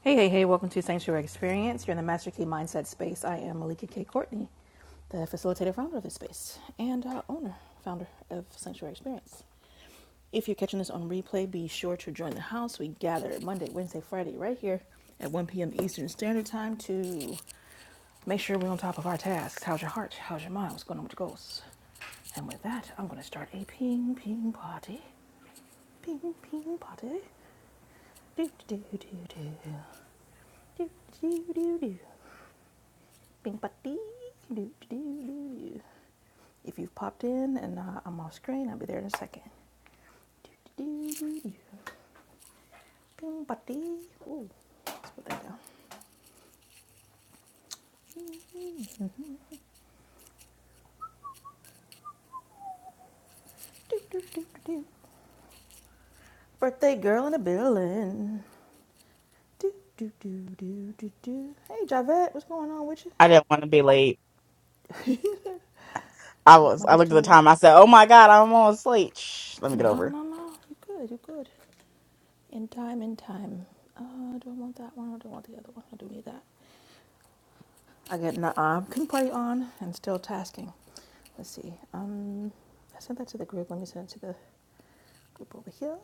Hey, hey, hey, welcome to Sanctuary Experience. You're in the Master Key Mindset space. I am Malika K. Courtney, the facilitator founder of this space and uh, owner, founder of Sanctuary Experience. If you're catching this on replay, be sure to join the house. We gather Monday, Wednesday, Friday right here at 1 p.m. Eastern Standard Time to make sure we're on top of our tasks. How's your heart? How's your mind? What's going on with your goals? And with that, I'm going to start a ping ping party. Ping ping party. Do, do, do, do, do. Do, do, do, do. Bing, ba, dee, do, do, do, do, If you've popped in and uh, I'm off screen, I'll be there in a second. Do, do, do, do, Bing, ba, dee. Ooh, let's put that down. Do, do, do, do, Birthday girl in the building. Do, do, do, do, do, do. Hey, Javette, what's going on with you? I didn't want to be late. I was. I looked at the time. I said, "Oh my god, I'm almost late." Shh, let me get No, over. no, no. You are good, you are good. In time, in time. Uh, do I want that one or do I want the other one? I do need that. I got an uh, can party on and still tasking. Let's see. Um, I sent that to the group. Let me send it to the group over here.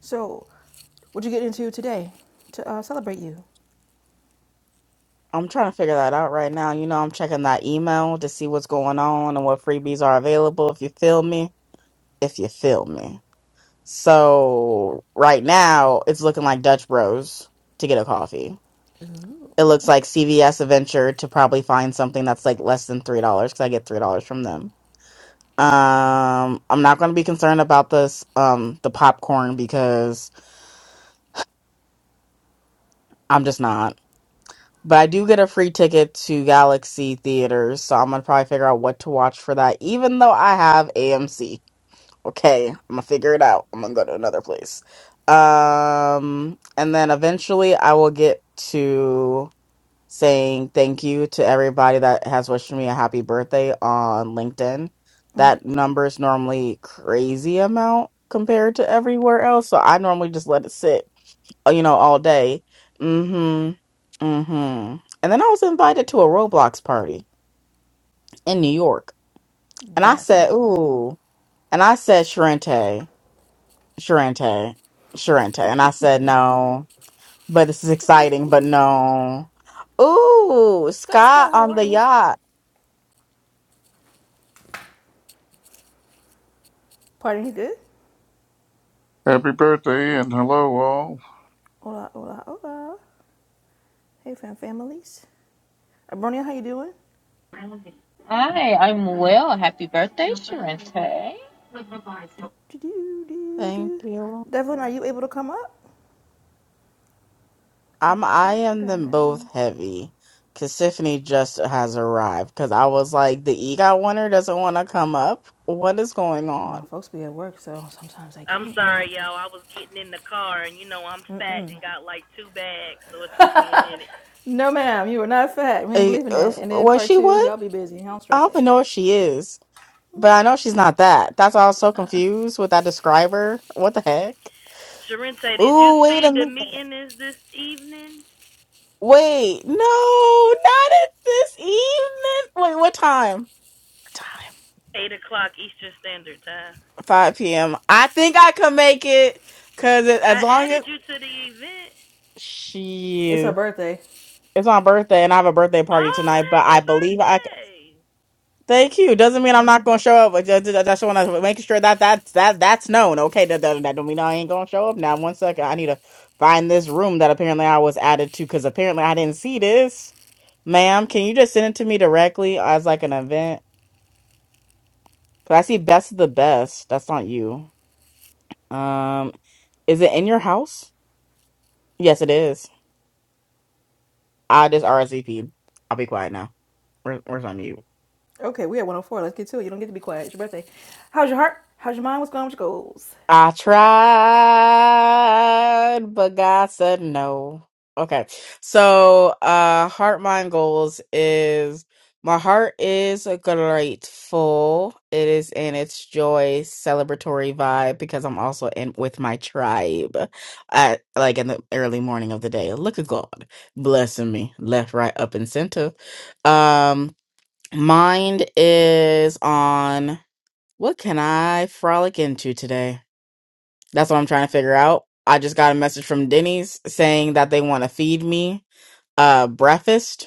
So, what'd you get into today to uh, celebrate you? I'm trying to figure that out right now. You know, I'm checking that email to see what's going on and what freebies are available. If you feel me, if you feel me. So right now, it's looking like Dutch Bros to get a coffee. Ooh. It looks like CVS Adventure to probably find something that's like less than three dollars because I get three dollars from them. Um, I'm not going to be concerned about this um the popcorn because I'm just not. But I do get a free ticket to Galaxy Theaters, so I'm gonna probably figure out what to watch for that, even though I have AMC. Okay, I'm gonna figure it out. I'm gonna go to another place. Um, and then eventually I will get to saying thank you to everybody that has wished me a happy birthday on LinkedIn. Mm. That number is normally crazy amount compared to everywhere else, so I normally just let it sit uh, you know, all day. mm Mhm. mm Mhm. And then I was invited to a Roblox party in New York. And I That said, sounds wonderful. "Ooh." And I said, "Sharente, Sharente, Sharente." And I said, "No, but this is exciting, but no." Ooh, Scott, Scott, Scott how on are the you? yacht. Party, you good? Happy birthday and hello all. Hola, hola, hola. Hey, fam families. Abronia, how you doing? Hi, I'm well. Happy birthday, Sharente. Do, do, do, do, Thank do. you. Devlin, are you able to come up? I'm Down, I down, am down, them both down. heavy. Cause Tiffany just has arrived. Cause I was like, the EGOT winner doesn't want to come up. What is going on? No, folks be at work, so sometimes I I'm can't. sorry, y'all. I was getting in the car, and you know I'm fat and got like two bags, so it took me a minute. No, ma'am, you are not fat. We ain't Uh, believing if- that. And then was part she two, what? y'all be busy. I don't I stress don't even that. know if she is, but I know she's not that. That's why I was so confused with that describer. What the heck? Sharente, did you Ooh, see wait a the minute. meeting is this evening? Wait, no, not at this evening. Wait, what time? What time? Eight o'clock Eastern Standard Time. 5 p.m. I think I can make it because it, as I long as added you to the event. It's her she birthday. it's my birthday and I have a birthday party Oh, tonight, but happy I Yeah, believe I birthday! Thank you. that Doesn't mean didn't I'm not gonna click. show up, but just, just, just want to make sure that that that that's known. Okay, that, that that don't mean I ain't gonna show up. Now, one second, I need to find this room that apparently I was added to because apparently I didn't see this. Ma'am, can you just send it to me directly as like an event? Cause I see best of the best. That's not you. Um, is it in your house? Yes, it is. I just RSVP. I'll be quiet now. Where, where's on you? Okay, we at 104. Let's get to it. You don't get to be quiet. It's your birthday. How's your heart? How's your mind? What's going on with your goals? I tried, but God said no. Okay. So, uh, heart mind goals is my heart is grateful. It is in its joy celebratory vibe because I'm also in with my tribe at like in the early morning of the day. Look at God blessing me left, right, up, and center. Um, mind is on what can I frolic into today? That's what I'm trying to figure out. I just got a message from Denny's saying that they want to feed me uh breakfast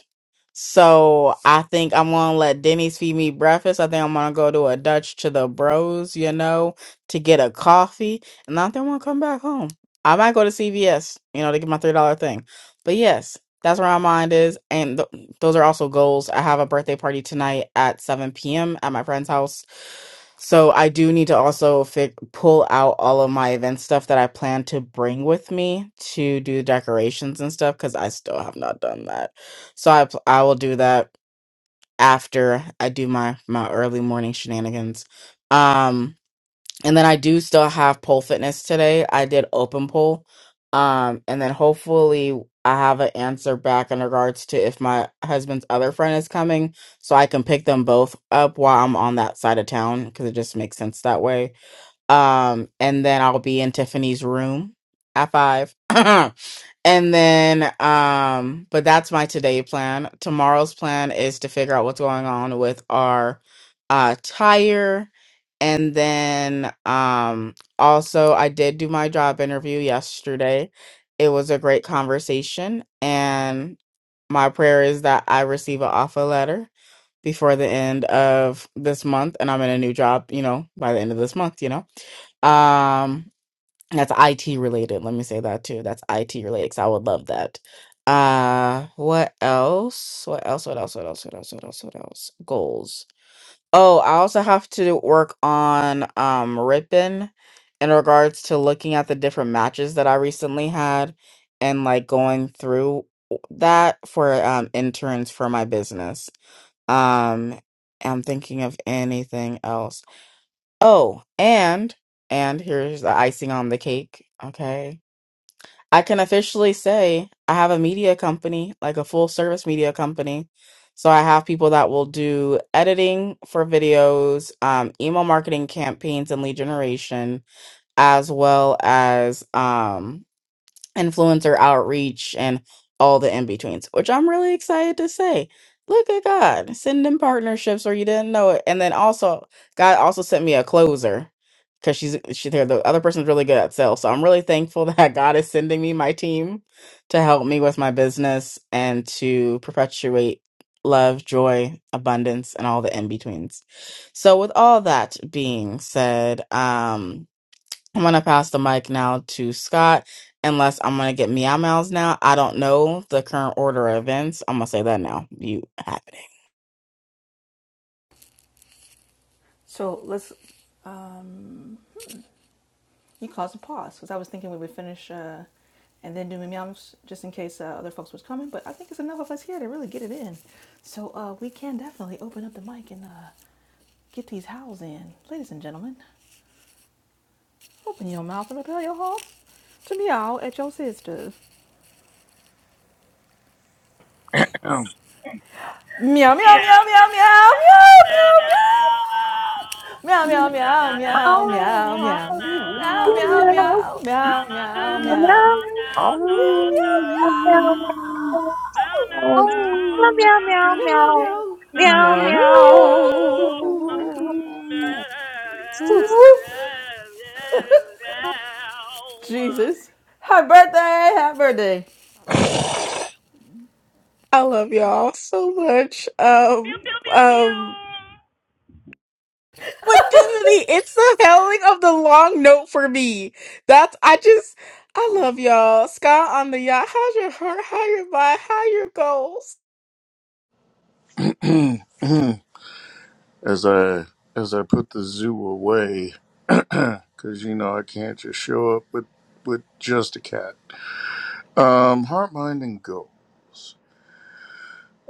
so I think I'm gonna let Denny's feed me breakfast. I think I'm gonna go to a Dutch to the Bros, you know, to get a coffee, and I think I'm gonna come back home. I might go to CVS, you know, to get my three dollar thing. But yes, that's where my mind is, and th- those are also goals. I have a birthday party tonight at 7 p.m. at my friend's house, so I do need to also fi- pull out all of my event stuff that I plan to bring with me to do decorations and stuff because I still have not done that. So I pl- I will do that after I do my my early morning shenanigans. Um and then I do still have pole fitness today. I did open pole. Um and then hopefully I have an answer back in regards to if my husband's other friend is coming so I can pick them both up while I'm on that side of town because it just makes sense that way um and then i'll be in tiffany's room at five and then um but that's my today plan tomorrow's plan is to figure out what's going on with our uh tire and then um also i did do my job interview yesterday it was a great conversation and my prayer is that i receive an offer letter before the end of this month and i'm in a new job you know by the end of this month you know um, that's IT related. Let me say that too. That's IT related. 'cause I would love that. Uh, what else? What else? What else? What else? What else? What else? What else? Goals. Oh, I also have to work on um ripping in regards to looking at the different matches that I recently had and like going through that for um interns for my business. Um, I'm thinking of anything else. Oh, and and here's the icing on the cake. Okay. I can officially say I have a media company, like a full service media company. So I have people that will do editing for videos, um, email marketing campaigns and lead generation, as well as um, influencer outreach and all the in-betweens, which I'm really excited to say. Look at God sending partnerships or you didn't know it. And then also God also sent me a closer because she's she there the other person's really good at sales. So I'm really thankful that God is sending me my team to help me with my business and to perpetuate love, joy, abundance, and all the in-betweens. So with all that being said, um. I'm gonna pass the mic now to Scott, unless I'm gonna get meow meows now. I don't know the current order of events. I'm gonna say that now. You have it. So let's. Um, you caused a pause because I was thinking we would finish uh, and then do meows just in case uh, other folks was coming. But I think it's enough of us here to really get it in. So uh, we can definitely open up the mic and uh, get these howls in, ladies and gentlemen. Open your mouth and repel your horse to meow at your sisters. Um, Meow, meow, meow, Now, meow, meow, now, meow, now, now, meow, meow. now, Meow, meow, now, now, now, meow, meow, meow, now, meow. now. Meow, meow, meow, No, meow, no, no, no, meow, meow. no, Meow, no, meow, meow. no. No, no, no, Meow, meow, no. meow. Meow, meow. Woof. Jesus. Happy birthday. Happy birthday. I love y'all so much. Um, um, what dignity? It's the howling of the long note for me. That's I just I love y'all. Scott on the yacht. How's your heart? How your mind? How your goals? as I as I put the zoo away, because you know I can't just show up with with just a cat. Um, heart, mind, and goals.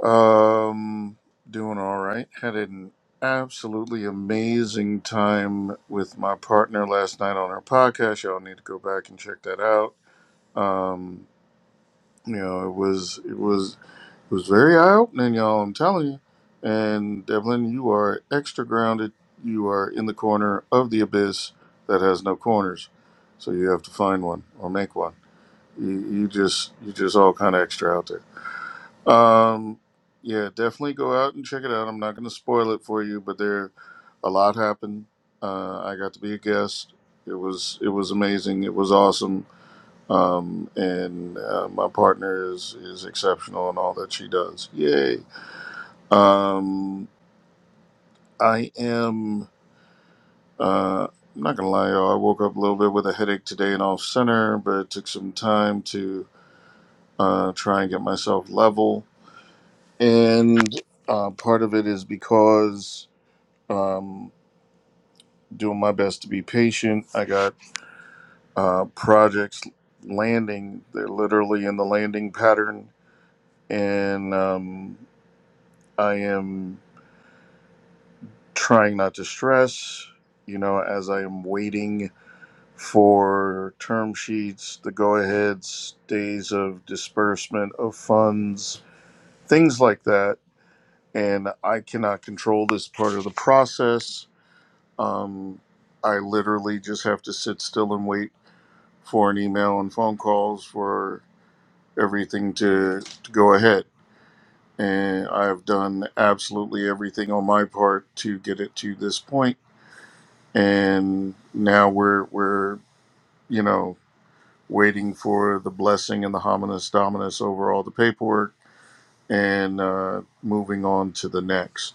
Um, doing all right. Had an absolutely amazing time with my partner last night on our podcast. Y'all need to go back and check that out. Um, you know, it was it was it was very eye opening, y'all. I'm telling you. And Devlin, you are extra grounded. You are in the corner of the abyss that has no corners, so you have to find one or make one. You, you just you just all kind of extra out there. Um, yeah, definitely go out and check it out. I'm not going to spoil it for you, but there a lot happened. Uh, I got to be a guest. It was it was amazing. It was awesome. Um, and uh, my partner is is exceptional in all that she does. Yay! Um, I am. Uh, I'm not gonna lie, y'all. I woke up a little bit with a headache today and off center, but it took some time to uh, try and get myself level. And uh, part of it is because Um, doing my best to be patient. I got uh, projects landing. They're literally in the landing pattern, and um, I am trying not to stress. You know, as I am waiting for term sheets, the go aheads, days of disbursement of funds, things like that. And I cannot control this part of the process. Um, I literally just have to sit still and wait for an email and phone calls for everything to, to go ahead. And I have done absolutely everything on my part to get it to this point. And now we're we're you know waiting for the blessing and the hominis dominus over all the paperwork and uh, moving on to the next,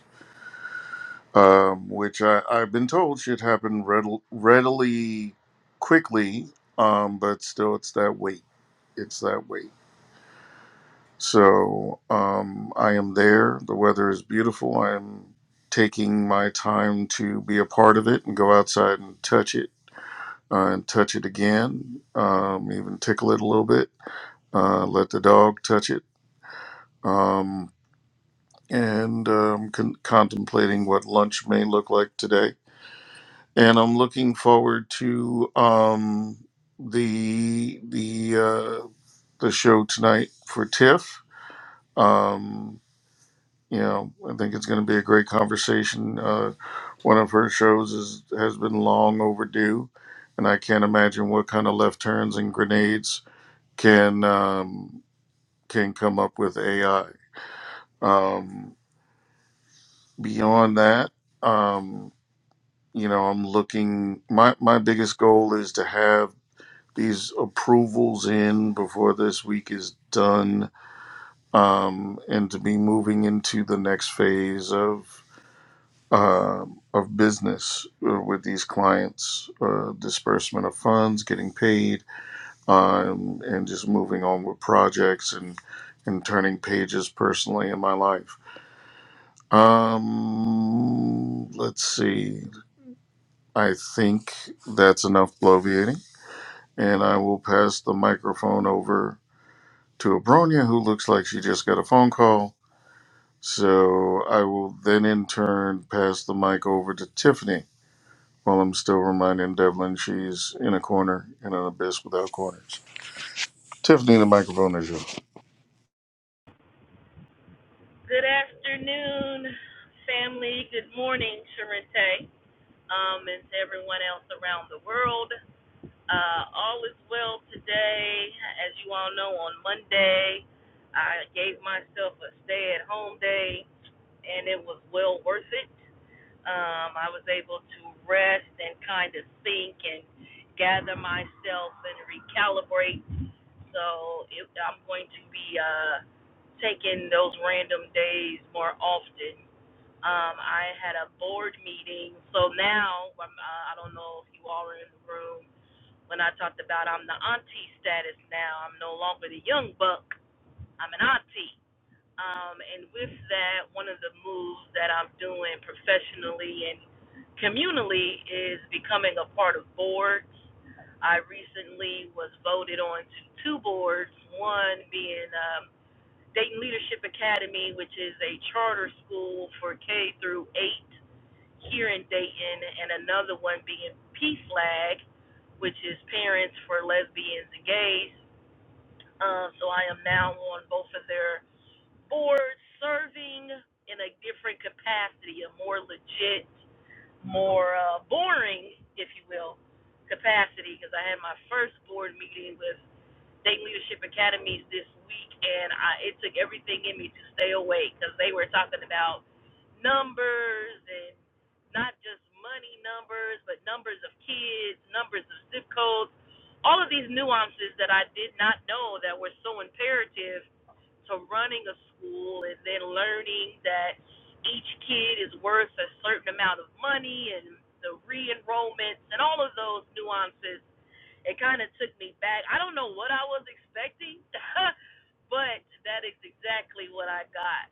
um, which I, I've been told should happen readil- readily, quickly. Um, but still, it's that wait. It's that wait. So um, I am there. The weather is beautiful. I'm taking my time to be a part of it and go outside and touch it uh, and touch it again, um, even tickle it a little bit, uh, let the dog touch it. Um, and um, con- contemplating what lunch may look like today. And I'm looking forward to um, the the uh, the show tonight for TIFF. Um, you know, I think it's going to be a great conversation. Uh, one of her shows is has been long overdue, and I can't imagine what kind of left turns and grenades can um, can come up with AI. Um, beyond that, um, you know, I'm looking. My my biggest goal is to have these approvals in before this week is done, um, and to be moving into the next phase of um, of business uh, with these clients, uh, disbursement of funds, getting paid, um, and just moving on with projects and and turning pages personally in my life. Um, let's see. I think that's enough bloviating, and I will pass the microphone over to Abronia, who looks like she just got a phone call. So I will then in turn pass the mic over to Tiffany While I'm still reminding Devlin she's in a corner in an abyss without corners. Tiffany, the microphone is yours. Good afternoon, family. Good morning, Sharente, um, and to everyone else around the world. Uh, all is well today. As you all know, on Monday, I gave myself a stay at home day, and it was well worth it. um, I was able to rest and kind of think and gather myself and recalibrate. So it, I'm going to be uh, taking those random days more often. Um, I had a board meeting, so now I'm, uh, I don't know if you all are in the room. When I talked about I'm the auntie status now, I'm no longer the young buck. I'm an auntie. Um, and with that, one of the moves that I'm doing professionally and communally is becoming a part of boards. I recently was voted on to two boards, one being um, Dayton Leadership Academy, which is a charter school for K through 8 here in Dayton, and another one being PFLAG, which is Parents for Lesbians and Gays. Uh, so I am now on both of their or serving in a different capacity, a more legit, more uh, boring, if you will, capacity. Because I had my first board meeting with State Leadership Academies this week, and I, it took everything in me to stay awake because they were talking about numbers and not just money numbers, but numbers of kids, numbers of zip codes, all of these nuances that I did not know that were so imperative to running a school and then learning that each kid is worth a certain amount of money and the re-enrollments and all of those nuances it kind of took me back i don't know what i was expecting but that is exactly what i got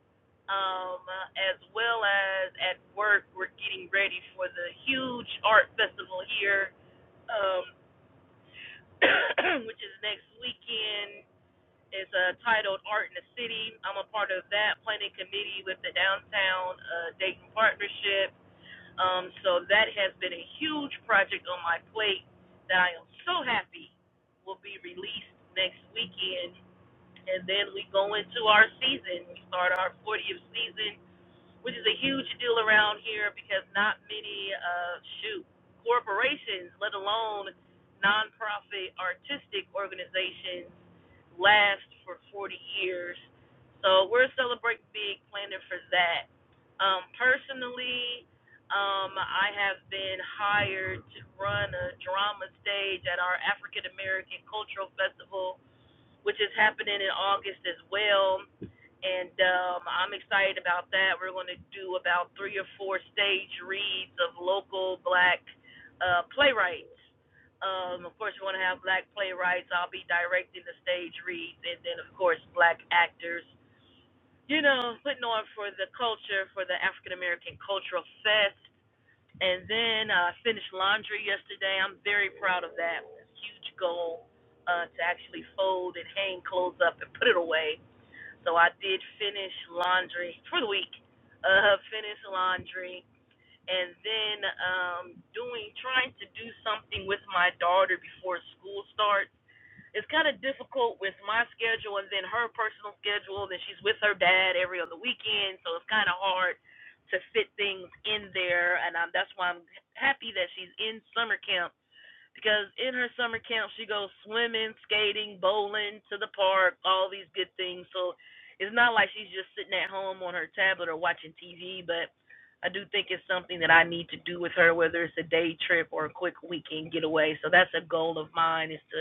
um, as well as at work we're getting ready for the huge art festival here um, which is next weekend it's uh, titled Art in the City. I'm a part of that planning committee with the Downtown uh, Dayton Partnership. Um, so that has been a huge project on my plate that I am so happy will be released next weekend. And then we go into our season. We start our 40th season, which is a huge deal around here because not many, uh, shoot, corporations, let alone nonprofit artistic organizations last for 40 years. So we're celebrating big, planning for that. Um, personally, um, I have been hired to run a drama stage at our African American Cultural Festival which is happening in August as well. And um, I'm excited about that. We're going to do about three or four stage reads of local black uh, playwrights. Um, of course, we're going to have black playwrights. I'll be directing the stage reads, and then, of course, black actors. You know, putting on for the culture, for the African American Cultural Fest. And then I uh, finished laundry yesterday. I'm very proud of that. It's a huge goal uh, to actually fold and hang clothes up and put it away. So I did finish laundry for the week. Uh, finish laundry and then um, doing trying to do something with my daughter before school starts it's kind of difficult with my schedule and then her personal schedule. Then she's with her dad every other weekend, so it's kind of hard to fit things in there. And um, that's why I'm happy that she's in summer camp because in her summer camp she goes swimming, skating, bowling, to the park, all these good things. So it's not like she's just sitting at home on her tablet or watching TV, but I do think it's something that I need to do with her, whether it's a day trip or a quick weekend getaway. So that's a goal of mine is to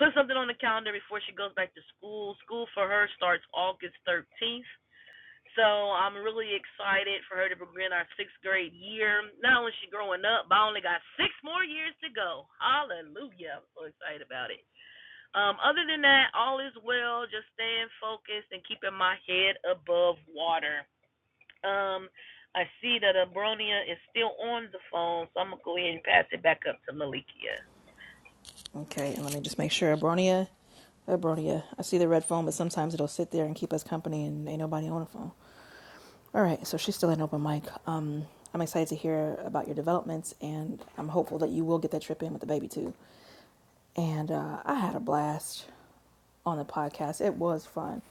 put something on the calendar before she goes back to school. School for her starts August 13th. So I'm really excited for her to begin our sixth grade year. Not only is she growing up, but I only got six more years to go. Hallelujah. I'm so excited about it. Um, other than that, all is well. Just staying focused and keeping my head above water. Um, I see that Abronia is still on the phone, so I'm going to go ahead and pass it back up to Malikia. Okay, and let me just make sure. Abronia, Abronia. I see the red phone, but sometimes it'll sit there and keep us company, and ain't nobody on the phone. All right, so she's still at an open mic. Um, I'm excited to hear about your developments, and I'm hopeful that you will get that trip in with the baby too. And uh, I had a blast on the podcast. It was fun.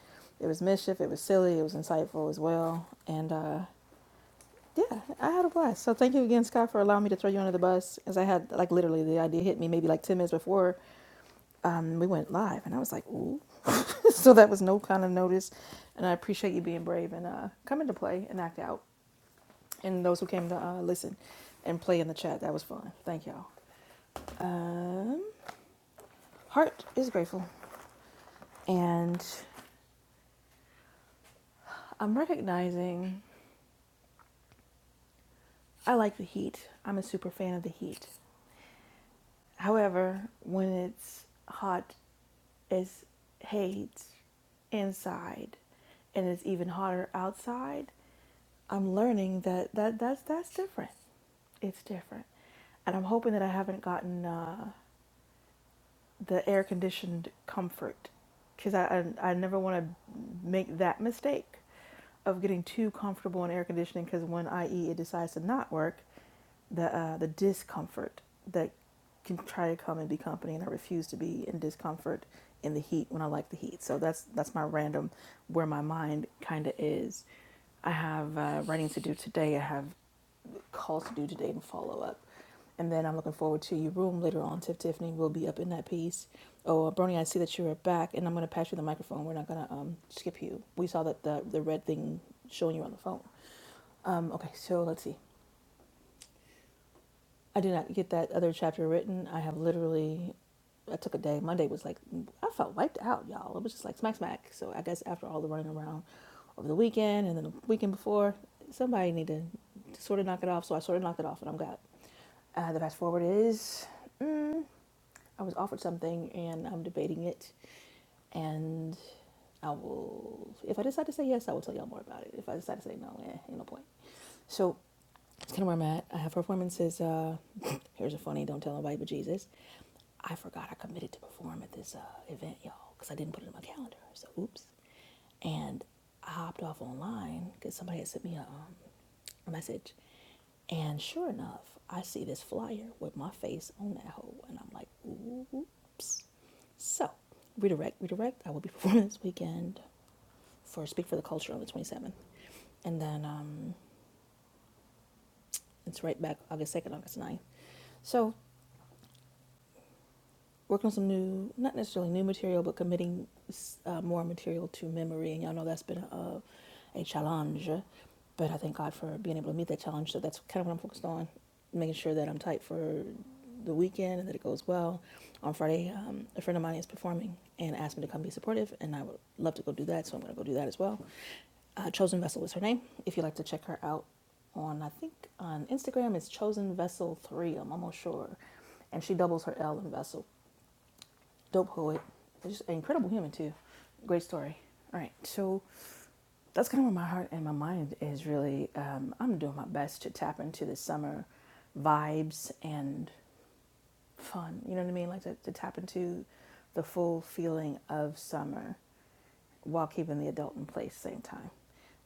It was mischief. It was silly. It was insightful as well. And uh, yeah, I had a blast. So thank you again, Scott, for allowing me to throw you under the bus, as I had like literally the idea hit me maybe like ten minutes before um, we went live, and I was like, "Ooh!" so that was no kind of notice, and I appreciate you being brave and uh, coming to play and act out, and those who came to uh, listen and play in the chat. That was fun. Thank y'all. Um, heart is grateful, and I'm recognizing I like the heat. I'm a super fan of the heat. However, when it's hot as hate inside and it's even hotter outside, I'm learning that, that that's that's different. It's different. And I'm hoping that I haven't gotten uh, the air conditioned comfort because I, I, I never want to make that mistake of getting too comfortable in air conditioning because when IE it decides to not work the uh, the discomfort that can try to come and be company, and I refuse to be in discomfort in the heat when I like the heat. So that's that's my random where my mind kind of is. I have uh, writing to do today. I have calls to do today and follow up. And then I'm looking forward to your room later on. Tiff Tiffany will be up in that piece. Oh, uh, Brony, I see that you are back, and I'm going to pass you the microphone. We're not going to um, skip you. We saw that the, the red thing showing you on the phone. Um, okay, so let's see. I did not get that other chapter written. I have literally, I took a day. Monday was like, I felt wiped out, y'all. It was just like smack smack. So I guess after all the running around over the weekend and then the weekend before, somebody needed to sort of knock it off. So I sort of knocked it off and I'm got uh, the fast forward is mm, I was offered something and I'm debating it. And I will, if I decide to say yes, I will tell y'all more about it. If I decide to say no, eh, ain't no point. So that's kind of where I'm at. I have performances. Uh, here's a funny, don't tell nobody but Jesus. I forgot I committed to perform at this uh, event, y'all, because I didn't put it in my calendar. So, oops. And I hopped off online because somebody had sent me a, um, a message. And sure enough, I see this flyer with my face on that hole. And I'm like, oops. So, redirect, redirect. I will be performing this weekend for Speak for the Culture on the 27th. And then um, it's right back August 2nd, August ninth. So working on some new, not necessarily new material, but committing uh, more material to memory. And y'all know that's been a, a challenge, but I thank God for being able to meet that challenge. So that's kind of what I'm focused on, making sure that I'm tight for the weekend and that it goes well. On Friday, um, a friend of mine is performing and asked me to come be supportive, and I would love to go do that, so I'm going to go do that as well. Uh, Chosen Vessel is her name. If you'd like to check her out on, I think, on Instagram, it's Chosen Vessel 3, I'm almost sure. And she doubles her L in Vessel dope poet, just an incredible human too. Great story. All right, so that's kind of where my heart and my mind is really. Um, I'm doing my best to tap into the summer vibes and fun. You know what I mean? Like to, to tap into the full feeling of summer while keeping the adult in place at the same time.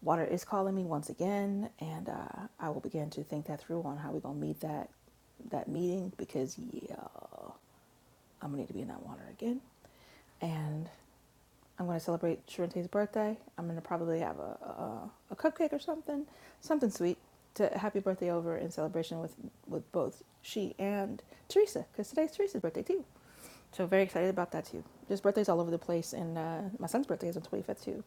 Water is calling me once again, and uh, I will begin to think that through on how we're gonna meet that that meeting because yeah, I'm gonna need to be in that water again. And I'm going to celebrate Sharente's birthday. I'm going to probably have a, a a cupcake or something, something sweet to happy birthday over in celebration with with both she and Teresa because today's Teresa's birthday too. So very excited about that too. There's birthdays all over the place, and uh, my son's birthday is on 25th too.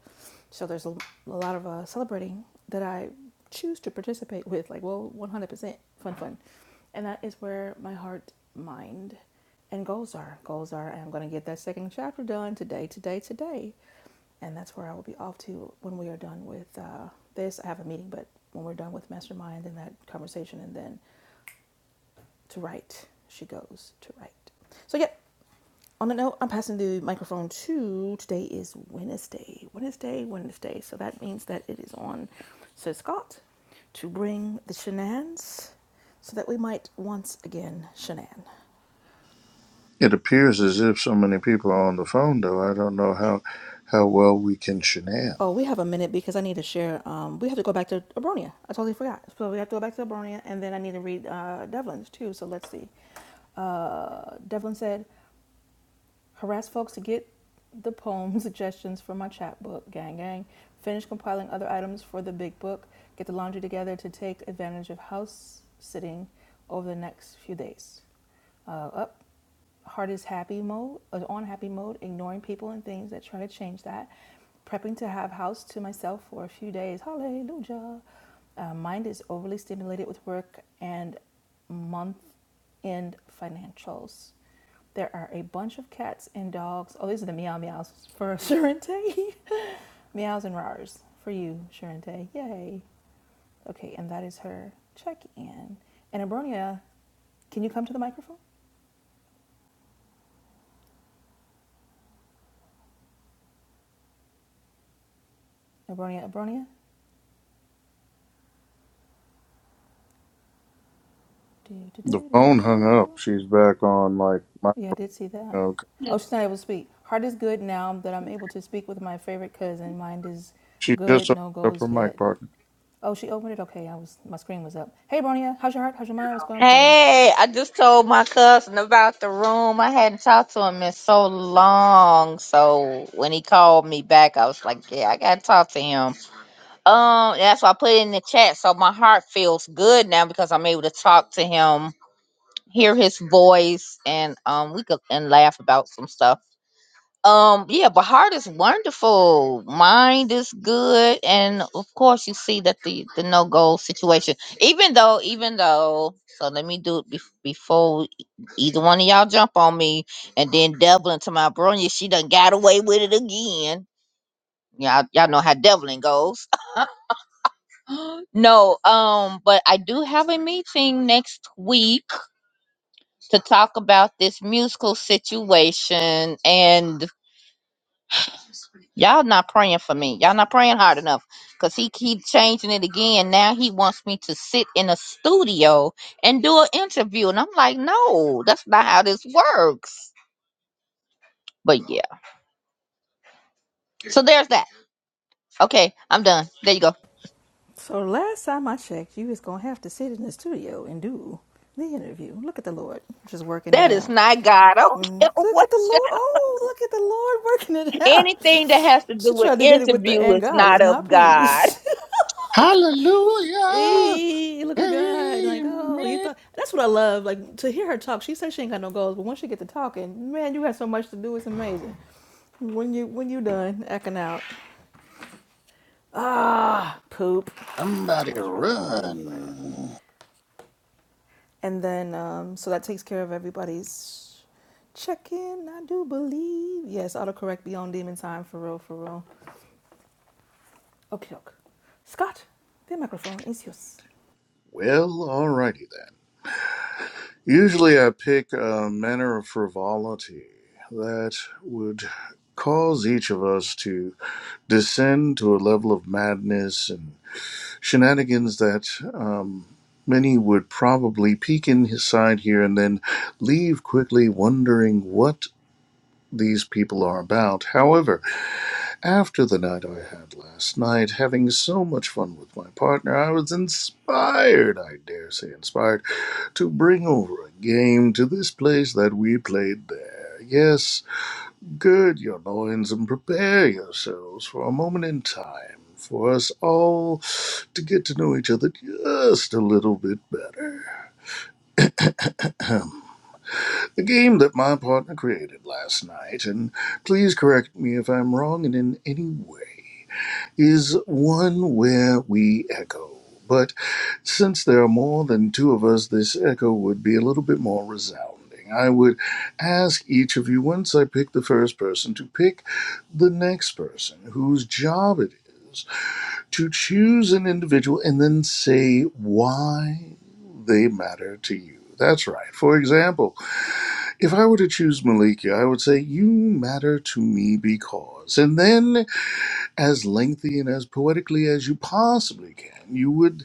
So there's a, a lot of uh, celebrating that I choose to participate with, like well, 100% fun, fun, and that is where my heart, mind, and goals are. Goals are I'm going to get that second chapter done today, today, today and that's where I will be off to when we are done with uh, this. I have a meeting, but when we're done with mastermind and that conversation, and then to write, she goes to write. So yeah. On the note, I'm passing the microphone to. Today is Wednesday, Wednesday, Wednesday. So that means that it is on Sir Scott to bring the shenanigans so that we might once again shenan. It appears as if so many people are on the phone, though. I don't know how how well we can shenan. Oh, we have a minute because I need to share. Um, we have to go back to Abronia. I totally forgot. So we have to go back to Abronia, and then I need to read uh, Devlin's too. So let's see. Uh, Devlin said, harass folks to get the poem suggestions for my chapbook, gang gang. Finish compiling other items for the big book. Get the laundry together to take advantage of house sitting over the next few days. Uh, up. Heart is happy mode, uh, on happy mode, ignoring people and things that try to change that. Prepping to have house to myself for a few days. Hallelujah. Uh, mind is overly stimulated with work and month end financials. There are a bunch of cats and dogs. Oh, these are the meow meows for Sharente. meows and rars for you, Sharente. Yay. Okay, and that is her check in. And Abronia, can you come to the microphone? Abronia, Abronia. Do, do, The do, do, phone hung do. up. She's back on like my. Yeah, I did see that. Okay. Oh, she's not able to speak. Heart is good now that I'm able to speak with my favorite cousin. Mind is She good, just opened no up goals her mic yet. partner. Oh, she opened it. Okay, I was my screen was up. Hey, Bronya, how's your heart? How's your mind? What's going on? What's your goals? Hey, I just told my cousin about the room. I hadn't talked to him in so long. So when he called me back, I was like, yeah, I gotta talk to him. Um, that's why I put it in the chat. So my heart feels good now because I'm able to talk to him hear his voice and um we could and laugh about some stuff um yeah but heart is wonderful mind is good and of course you see that the the no goal situation even though even though so let me do it bef- before e- either one of y'all jump on me and then devlin to my bronya she done got away with it again y'all y'all know how devlin goes no um but i do have a meeting next week to talk about this musical situation and y'all not praying for me y'all not praying hard enough because he keep changing it again now he wants me to sit in a studio and do an interview and i'm like no that's not how this works but yeah so there's that okay i'm done there you go So last time I checked, you was gonna have to sit in the studio and do the interview. Look at the Lord, just working it that is out. not god i don't Mm, care Look what at the you- Lord. Oh, look at the Lord working it anything that out. has to do She with tried to hit it with the interview and is God not is of not god pleased. Hallelujah! Eee, look at God. Like, oh, you Amen! thought that's what I love. Like to hear her talk. She says she ain't got no goals, but once you get to talking, man, you have so much to do. It's amazing. When you when you done acting out, Ah, poop. Somebody I just realized what I didn't grab. run. And then, um, so that takes care of everybody's check in, I do believe. Yes, autocorrect beyond demon time, for real, for real. Okay, okay. Scott, the microphone is yours. Well, alrighty then. Usually I pick a manner of frivolity that would cause each of us to descend to a level of madness and shenanigans that um, many would probably peek inside here and then leave quickly wondering what these people are about. However, after the night I had last night, having so much fun with my partner, I was inspired, I dare say inspired, to bring over a game to this place that we played there. Yes, gird your loins and prepare yourselves for a moment in time for us all to get to know each other just a little bit better. the game that my partner created last night, and please correct me if I'm wrong in in any way is one where we echo. But since there are more than two of us, this echo would be a little bit more resounding. I would ask each of you, once I pick the first person, to pick the next person whose job it is to choose an individual and then say why they matter to you. That's right. For example, if I were to choose Malika, I would say, You matter to me because. And then as lengthy and as poetically as you possibly can, you would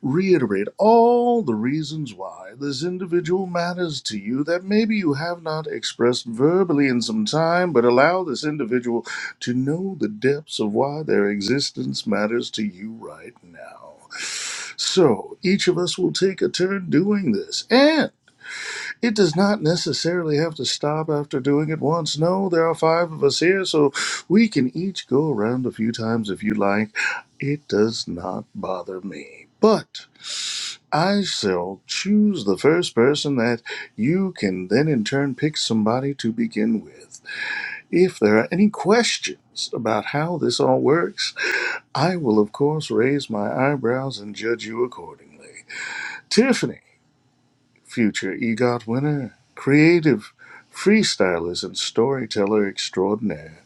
reiterate all the reasons why this individual matters to you that maybe you have not expressed verbally in some time, but allow this individual to know the depths of why their existence matters to you right now. So each of us will take a turn doing this. And it does not necessarily have to stop after doing it once. No, there are five of us here, so we can each go around a few times if you like. It does not bother me. But I shall choose the first person that you can then in turn pick somebody to begin with. If there are any questions about how this all works, I will of course raise my eyebrows and judge you accordingly. Tiffany future EGOT winner, creative freestylers and storyteller extraordinaire.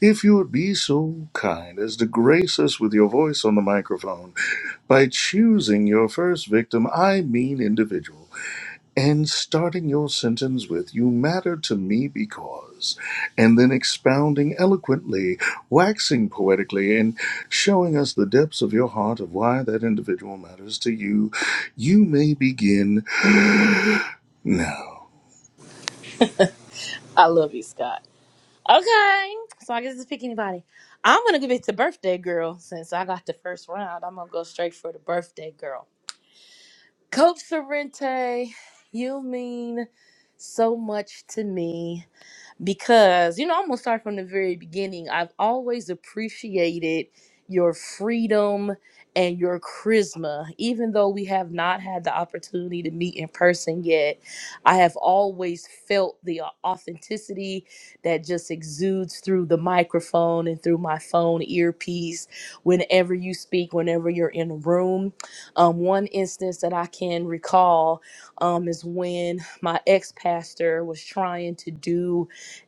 If you would be so kind as to grace us with your voice on the microphone by choosing your first victim, I mean individual, and starting your sentence with, You matter to me because, and then expounding eloquently, waxing poetically, and showing us the depths of your heart of why that individual matters to you, you may begin now. I love you, Scott. Okay. So I guess it's pick anybody. I'm gonna give it to birthday girl since I got the first round. I'm gonna go straight for the birthday girl. Coach Sorrente, you mean so much to me because you know i'm gonna start from the very beginning i've always appreciated your freedom and your charisma even though we have not had the opportunity to meet in person yet i have always felt the authenticity that just exudes through the microphone and through my phone earpiece whenever you speak whenever you're in a room um, one instance that i can recall um, is when my ex-pastor was trying to do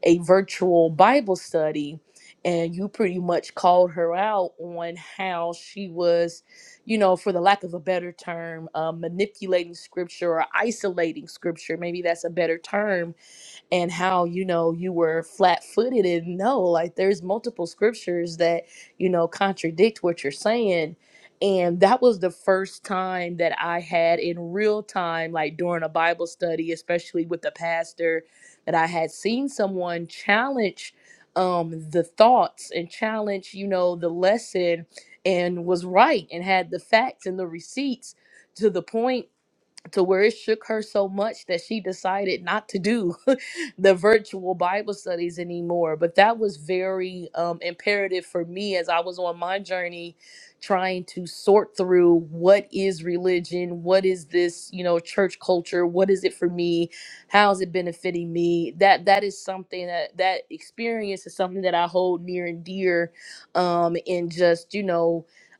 a virtual Bible study, and you pretty much called her out on how she was, you know, for the lack of a better term, uh, manipulating scripture or isolating scripture. Maybe that's a better term and how you know you were flat-footed and no like there's multiple scriptures that you know contradict what you're saying and that was the first time that I had in real time like during a Bible study especially with the pastor that I had seen someone challenge um the thoughts and challenge you know the lesson and was back in the receipts to the point her so much that she decided not to do the virtual Bible studies anymore. But that was very um, imperative for me as I was on my journey trying to sort through what is religion, what is this, you know, church culture, what is it for me, how is it benefiting me? That that is something that that experience is something that I hold near and dear, um, and just you know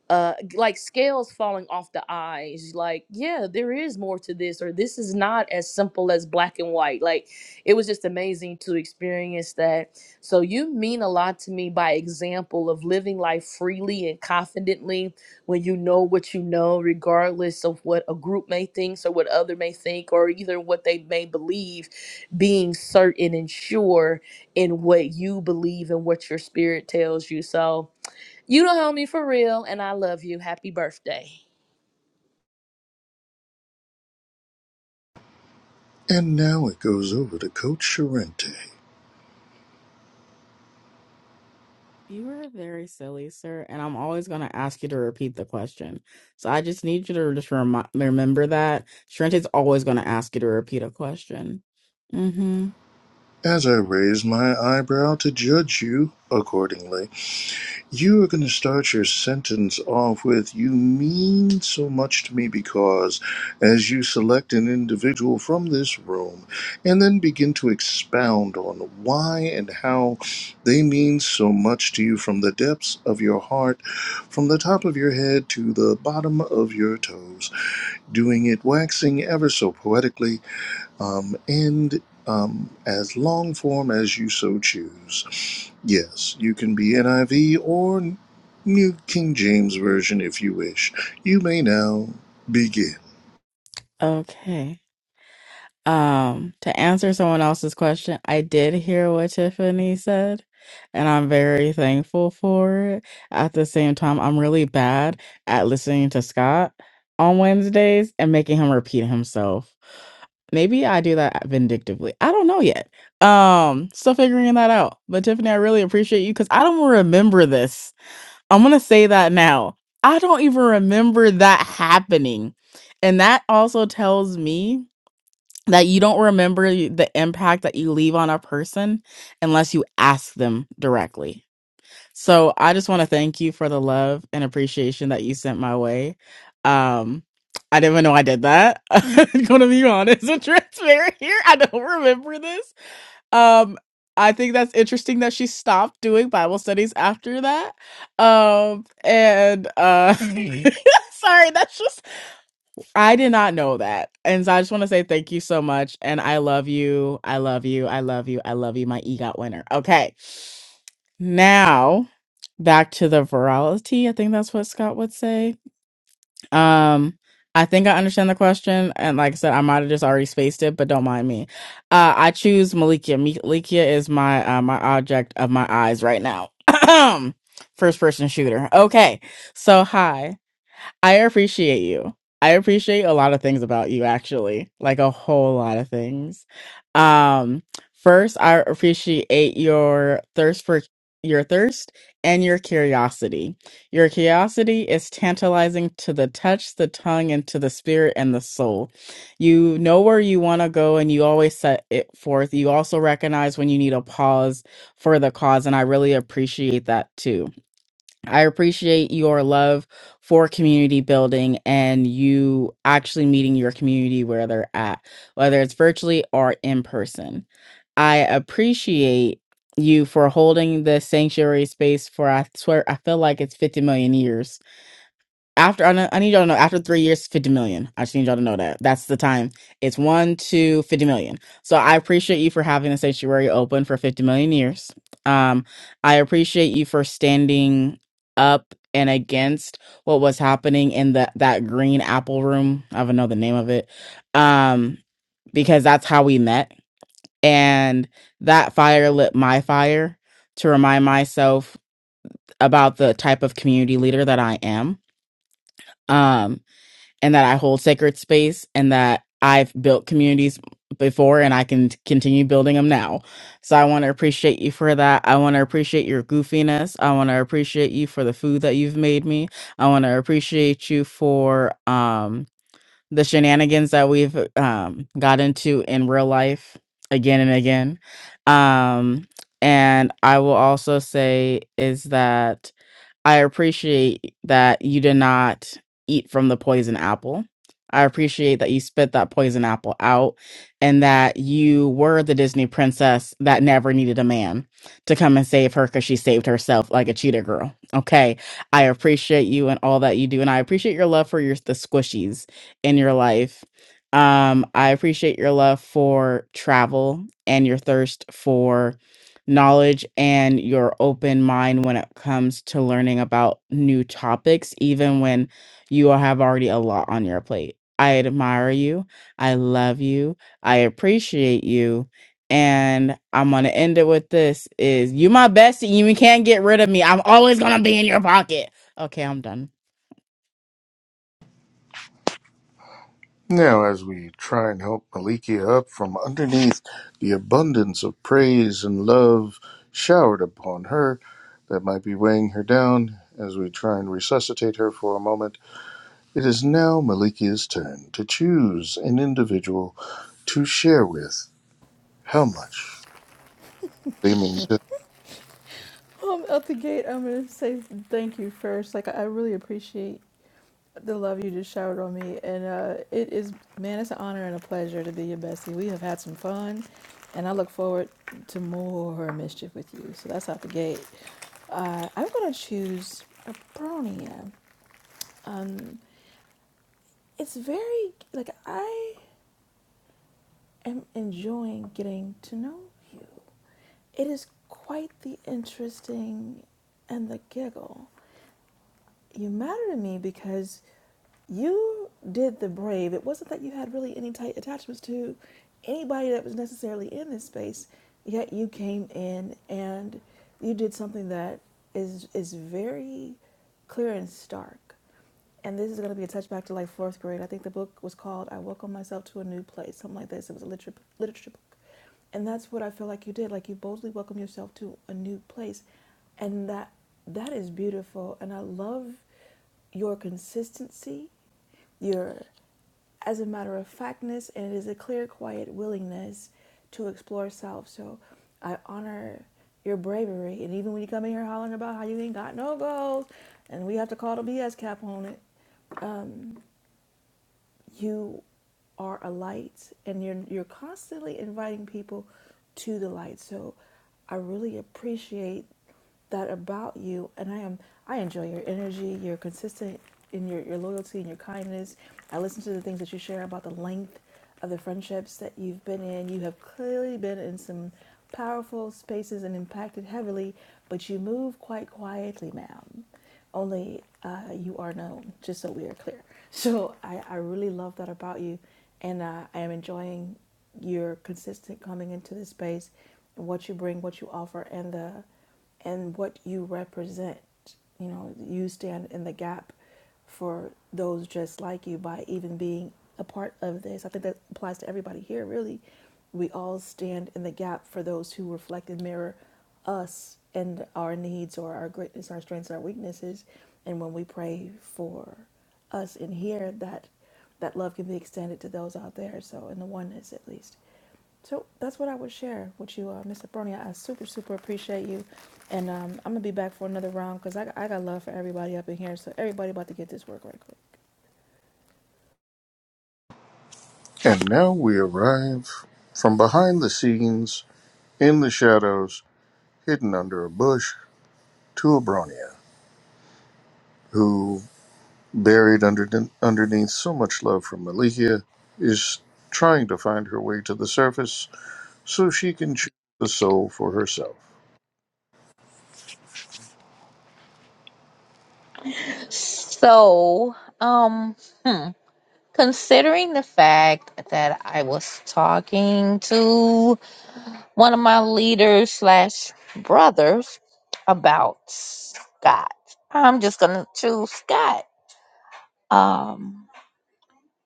uh like scales falling off the eyes like yeah there is more to this or this is not as simple as black and white like it was just amazing to experience that so you mean a lot to me by example of living life freely and confidently when you know what you know regardless of what a group may think or what other may think or either what they may believe being certain and sure in what you believe and what your spirit tells you so you don't hold me for real, and I love you. Happy birthday. And now it goes over to Coach Sorrente. You are very silly, sir, and I'm always going to ask you to repeat the question. So I just need you to just remi- remember that. Shrente is always going to ask you to repeat a question. Mm-hmm. As I raise my eyebrow to judge you accordingly, you are going to start your sentence off with, You mean so much to me because, as you select an individual from this room, and then begin to expound on why and how they mean so much to you from the depths of your heart, from the top of your head to the bottom of your toes, doing it waxing ever so poetically um, and um, as long form as you so choose. Yes, you can be NIV or New King James Version if you wish. You may now begin. Okay. Um, to answer someone else's question, I did hear what Tiffany said, and I'm very thankful for it. At the same time, I'm really bad at listening to Scott on Wednesdays and making him repeat himself. Maybe I do that vindictively. I don't know yet. Um, still figuring that out. But Tiffany, I really appreciate you because I don't remember this. I'm gonna say that now. I don't even remember that happening. And that also tells me that you don't remember y- the impact that you leave on a person unless you ask them directly. So I just want to thank you for the love and appreciation that you sent my way. Um, I didn't even know I did that. I'm gonna be honest and transparent here. I don't remember this. Um, I think that's interesting that she stopped doing Bible studies after that. Um, and uh, sorry, that's just I did not know that. And so I just want to say thank you so much. And I love you. I love you. I love you. I love you, my EGOT winner. Okay. Now back to the virality. I think that's what Scott would say. Um, I think I understand the question. And like I said, I might have just already spaced it, but don't mind me. Uh, I choose Malikia. Malikia is my uh, my object of my eyes right now. First person shooter. Okay. So hi. I appreciate you. I appreciate a lot of things about you actually, like a whole lot of things. Um first, I appreciate your thirst for your thirst and your curiosity. Your curiosity is tantalizing to the touch, the tongue, and to the spirit and the soul. You know where you want to go and you always set it forth. You also recognize when you need a pause for the cause, and I really appreciate that too I appreciate your love for community building and you actually meeting your community where they're at, whether it's virtually or in person. I appreciate you for holding the sanctuary space for I swear I feel like it's 50 million years after I, know, I need y'all to know after three years, fifty million. I just need y'all to know that that's the time. It's one to fifty million. So I appreciate you for having the sanctuary open for fifty million years. Um, I appreciate you for standing up and against what was happening in the that green apple room. I don't know the name of it. Um, because that's how we met, and that fire lit my fire to remind myself about the type of community leader that I am. Um and that I hold sacred space and that I've built communities before and I can t- continue building them now. So I want to appreciate you for that. I want to appreciate your goofiness. I want to appreciate you for the food that you've made me. I want to appreciate you for um the shenanigans that we've um got into in real life again and again. Um and I will also say is that I appreciate that you did not eat from the poison apple. I appreciate that you spit that poison apple out and that you were the Disney princess that never needed a man to come and save her because she saved herself like a cheetah girl. Okay. I appreciate you and all that you do. And I appreciate your love for your the squishies in your life. Um, I appreciate your love for travel and your thirst for knowledge and your open mind when it comes to learning about new topics, even when you have already a lot on your plate. I admire you. I love you. I appreciate you. And I'm gonna end it with this is you my bestie. You can't get rid of me. I'm always gonna be in your pocket. Okay, I'm done. Now, as we try and help Malikia up from underneath the abundance of praise and love showered upon her that might be weighing her down, as we try and resuscitate her for a moment, it is now Malikia's turn to choose an individual to share with How much they mean to. Um, at the gate, I'm gonna say thank you first. Like, I really appreciate the love you just showered on me, and uh, it is, man, it's an honor and a pleasure to be your bestie. We have had some fun, and I look forward to more mischief with you. So that's out the gate. Uh, I'm gonna choose Abronia. Um, it's very like I am enjoying getting to know you. It is quite the interesting and the giggle. You matter to me because you did the brave. It wasn't that you had really any tight attachments to anybody that was necessarily in this space. yet you came in and you did something that is is very clear and stark and this is going to be a touchback to like fourth grade i think the book was called i welcome myself to a new place something like this it was a literature, literature book and that's what i feel like you did like you boldly welcomed yourself to a new place and that that is beautiful and i love your consistency your as a matter of factness, and it is a clear, quiet willingness to explore self. So I honor your bravery. And even when you come in here hollering about how you ain't got no goals, and we have to call the BS cap on it, you are a light and you're you're constantly inviting people to the light. So I really appreciate that about you and I am I enjoy your energy, you're consistent in your, your loyalty and your kindness. I listen to the things that you share about the length of the friendships that you've been in. You have clearly been in some powerful spaces and impacted heavily, but you move quite quietly, ma'am only uh, you are known, just so we are clear. So I, I really love that about you, and uh, I am enjoying your consistent coming into this space and what you bring, what you offer, and the and what you represent. You know, you stand in the gap for those just like you by even being a part of this. I think that applies to everybody here, really. We all stand in the gap for those who reflect and mirror us and our needs or our greatness, our strengths, our weaknesses. And when we pray for us in here, that that love can be extended to those out there. So in the oneness, at least. So that's what I would share with you, uh, Mr. Bronia. I super, super appreciate you. And um, I'm going to be back for another round because I, I got love for everybody up in here. So everybody about to get this work right quick. And now we arrive from behind the scenes, in the shadows, hidden under a bush, to Abronia, who, buried under, underneath so much love from Malikia, is trying to find her way to the surface so she can choose the soul for herself. so um hmm. Considering the fact that I was talking to one of my leaders slash brothers about Scott, I'm just gonna choose Scott. Um,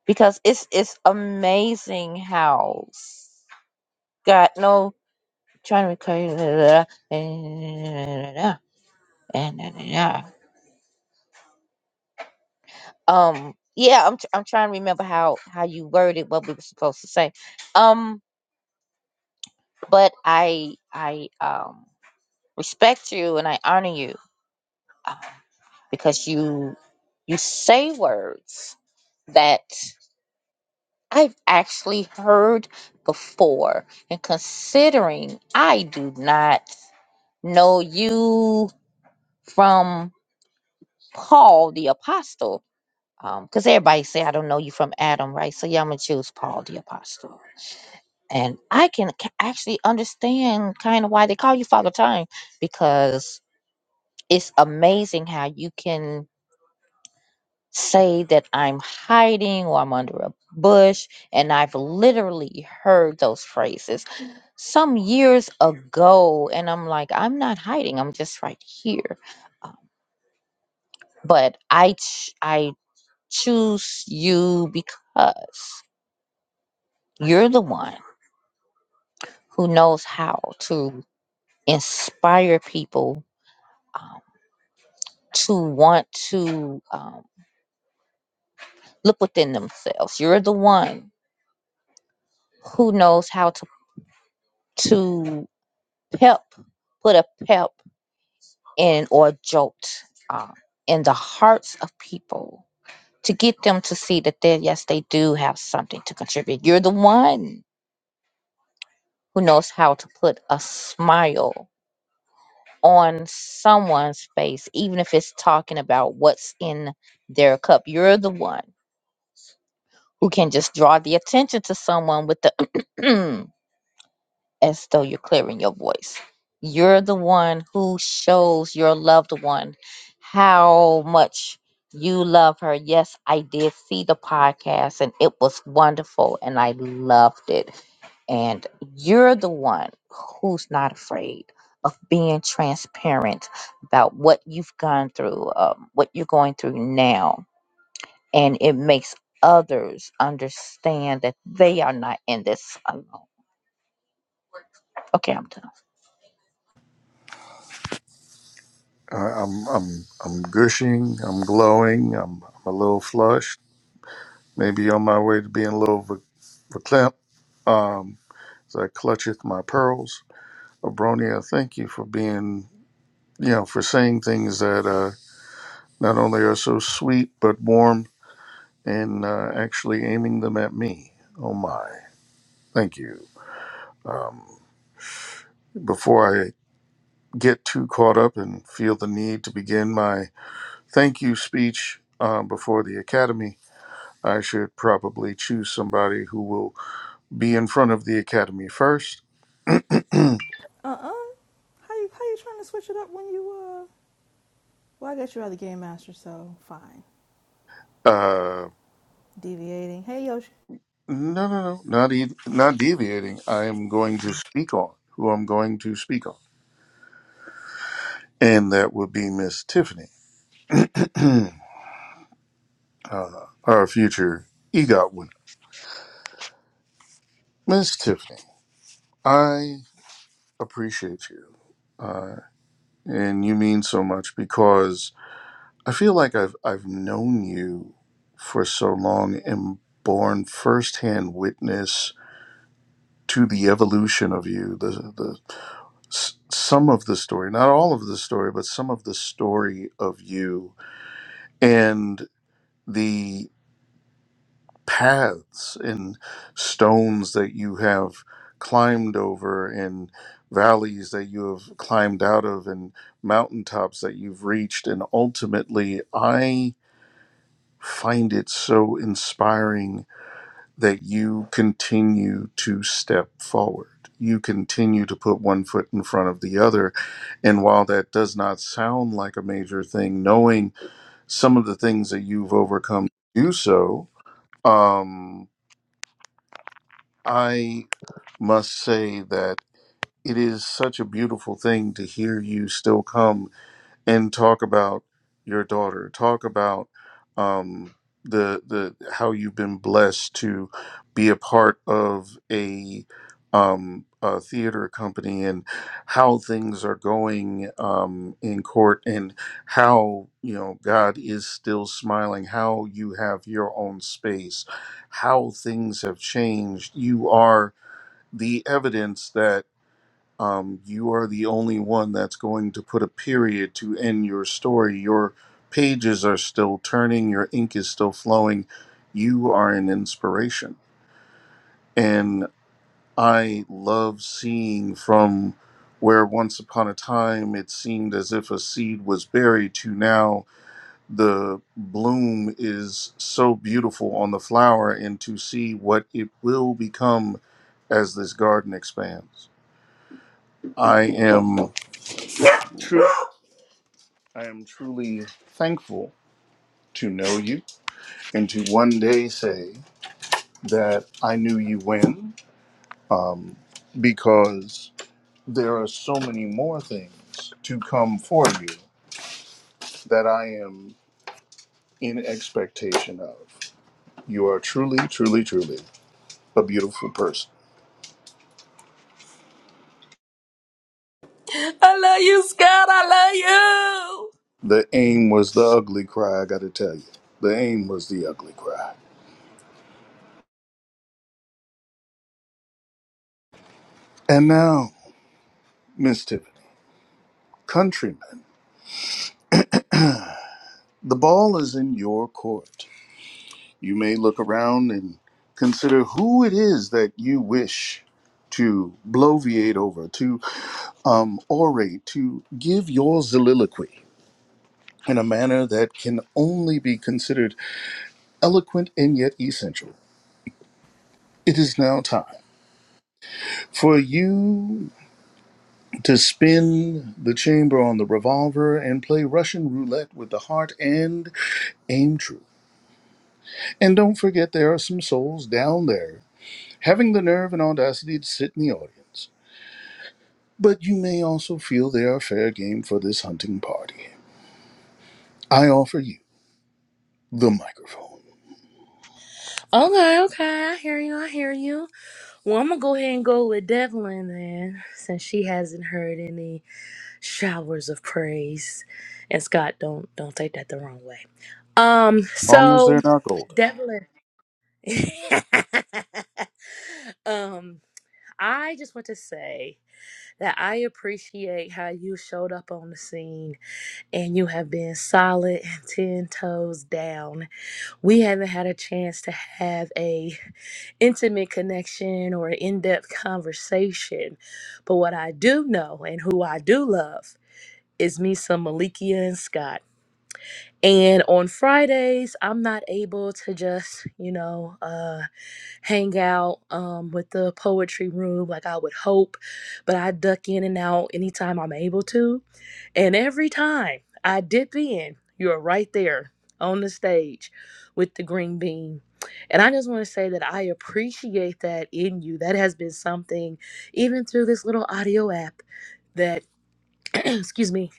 because it's it's amazing how Scott no trying to recall um yeah I'm I'm trying to remember how how you worded what we were supposed to say um but I I um. respect you and I honor you uh, because you you say words that I've actually heard before. And considering I do not know you from Paul the Apostle, because everybody say I don't know you from Adam, right? So yeah, I'm gonna choose Paul the Apostle. And I can ca- actually understand kind of why they call you Father Time because it's amazing how you can say that I'm hiding or I'm under a bush. And I've literally heard those phrases some years ago. And I'm like, I'm not hiding, I'm just right here. Um, But I, ch- I choose you because you're the one who knows how to inspire people um, to want to um, look within themselves. You're the one who knows how to. to pep put a pep in or a jolt uh, in the hearts of people to get them to see that they yes they do have something to contribute you're the one who knows how to put a smile on someone's face even if it's talking about what's in their cup you're the one who can just draw the attention to someone with the as though you're clearing your voice. You're the one who shows your loved one how much you love her. Yes, I did see the podcast and it was wonderful and I loved it. And you're the one who's not afraid of being transparent about what you've gone through, um, what you're going through now. And it makes others understand that they are not in this alone. Okay, I'm done. I- I'm, I'm, I'm gushing, I'm glowing, I'm, I'm a little flushed, maybe on my way to being a little reclamped um, as I clutcheth my pearls Abronia, thank you for being, you know, for saying things that uh, not only are so sweet but warm and uh, actually aiming them at me. Oh my, thank you. Um, before I get too caught up and feel the need to begin my thank you speech uh, before the Academy, I should probably choose somebody who will be in front of the Academy first. Uh-uh. How you, how you trying to switch it up when you, uh... Well, I guess you're the game master, so fine. Uh, Deviating. Hey, Yoshi. no, no, no, not e- not deviating. I am going to speak on who I'm going to speak on. and that would be Miss Tiffany, Mm, I our future EGOT winner. Miss Tiffany, I appreciate you, uh, and you mean so much because I feel like I've I've known you for so long and borne firsthand witness to the evolution of you, the the s- some of the story, not all of the story, but some of the story of you and. the. paths and stones that you have climbed over and valleys that you have climbed out of and mountaintops that you've reached and ultimately i find it so inspiring that you continue to step forward you continue to put one foot in front of the other and while that does not sound like a major thing knowing some of the things that you've overcome to do so um, must say that it is such a beautiful thing to hear you still come and talk about your daughter, talk about um, the the how you've been blessed to be a part of a, um, a theater company and how things are going um, in court and how you know God is still smiling, how you have your own space, how things have changed. You are the evidence that um, you are the only one that's going to put a period to end your story. Your pages are still turning, your ink is still flowing. You are an inspiration. And I love seeing from where once upon a time it seemed as if a seed was buried to now the bloom is so beautiful on the flower and to see what it will become as this garden expands. I am true. I am truly thankful to know you and to one day say that I knew you when, because there are so many more things to come for you that I am in expectation of. You are truly, truly, truly a beautiful person. I love you, Scott. I love The aim was the ugly cry. I got to tell you, the aim was the ugly cry. And now, Miss Tiffany, countrymen, the ball is in your court. You may look around and consider who it is that you wish to bloviate over, to um, orate, to give your soliloquy in a manner that can only be considered eloquent and yet essential. It is now time for you to spin the chamber on the revolver and play Russian roulette with the heart and aim true. And don't forget, there are some souls down there having the nerve and audacity to sit in the audience. but you may also feel they are fair game for this hunting party. I offer you the microphone, you. Okay, okay, I hear you, I hear you. Well, I'm gonna go ahead and go with Devlin then, since she hasn't heard any showers of praise. And Scott, don't don't take that the wrong way. Um, long as so they're not golden. Devlin, um, I just want to say that I appreciate how you showed up on the scene and you have been solid and 10 toes down. We haven't had a chance to have a intimate connection or an in-depth conversation. But what I do know and who I do love is me some Malikia and Scott. And on Fridays, I'm not able to just, you know, uh, hang out um, with the poetry room like I would hope, but I duck in and out anytime I'm able to. And every time I dip in, you're right there on the stage with the green bean. And I just want to say that I appreciate that in you. That has been something, even through this little audio app, that, excuse me,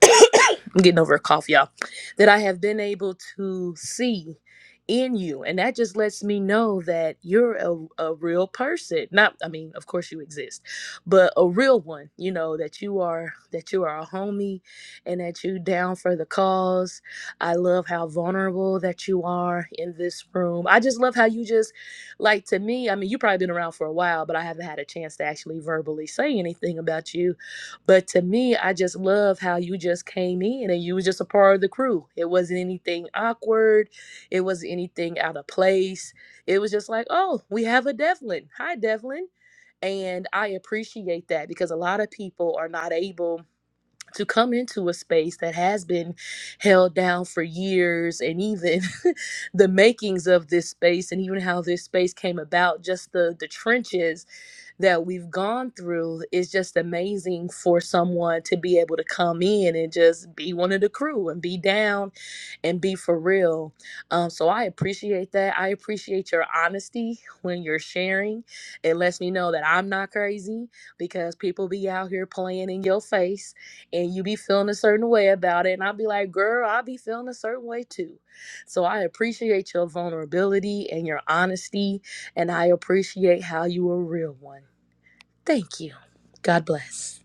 I'm getting over a cough, y'all, that I have been able to see in you. And that just lets me know that you're a, a real person. Not, I mean, of course you exist, but a real one, you know, that you are, that you are a homie and that you down for the cause. I love how vulnerable that you are in this room. I just love how you just, like to me, I mean, you probably been around for a while, but I haven't had a chance to actually verbally say anything about you but to me, I just love how you just came in and you was just a part of the crew. It wasn't anything awkward. It wasn't anything out of place. It was just like, oh, we have a Devlin. Hi, Devlin. And I appreciate that because a lot of people are not able to come into a space that has been held down for years and even the makings of this space and even how this space came about, just the the trenches that we've gone through is just amazing for someone to be able to come in and just be one of the crew and be down and be for real. Um, so I appreciate that. I appreciate your honesty when you're sharing. It lets me know that I'm not crazy because people be out here playing in your face and you be feeling a certain way about it. And I'll be like, girl, I'll be feeling a certain way too. So I appreciate your vulnerability and your honesty. And I appreciate how you a real one. Thank you. God bless.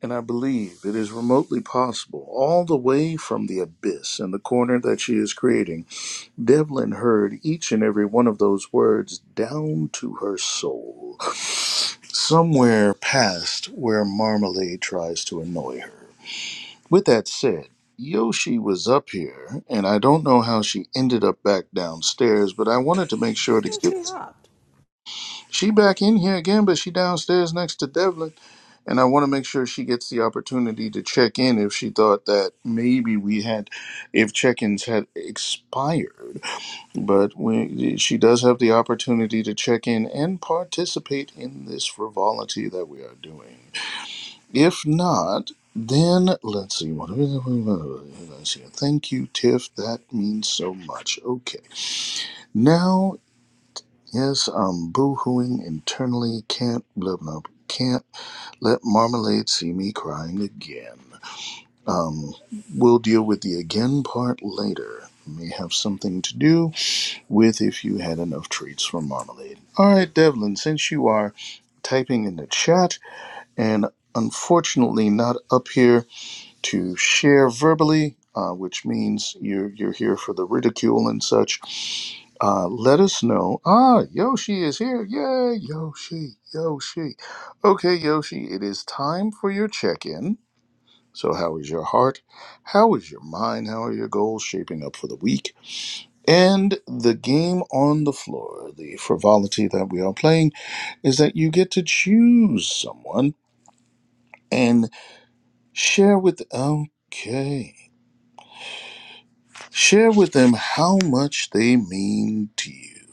And I believe it is remotely possible, all the way from the abyss and the corner that she is creating, Devlin heard each and every one of those words down to her soul, somewhere past where Marmalade tries to annoy her. With that said, Yoshi was up here, and I don't know how she ended up back downstairs, but I wanted to make sure to Since she get hopped. she back in here again, but she downstairs next to Devlin, and I want to make sure she gets the opportunity to check in if she thought that maybe we had, if check-ins had expired, but we, she does have the opportunity to check in and participate in this frivolity that we are doing. If not, then let's see. What let's see. Thank you, Tiff. That means so much. Okay. Now, yes, I'm boo-hooing internally. Can't blah blah. blah. Can't let marmalade see me crying again. Um, we'll deal with the again part later. May have something to do with if you had enough treats from marmalade. All right, Devlin. Since you are typing in the chat and unfortunately not up here to share verbally, uh, which means you're, you're here for the ridicule and such, uh, let us know. Ah, Yoshi is here. Yay, Yoshi, Yoshi. Okay, Yoshi, it is time for your check in. So, how is your heart? How is your mind? How are your goals shaping up for the week? And the game on the floor, the frivolity that we are playing, is that you get to choose someone and share with. Okay. Share with them how much they mean to you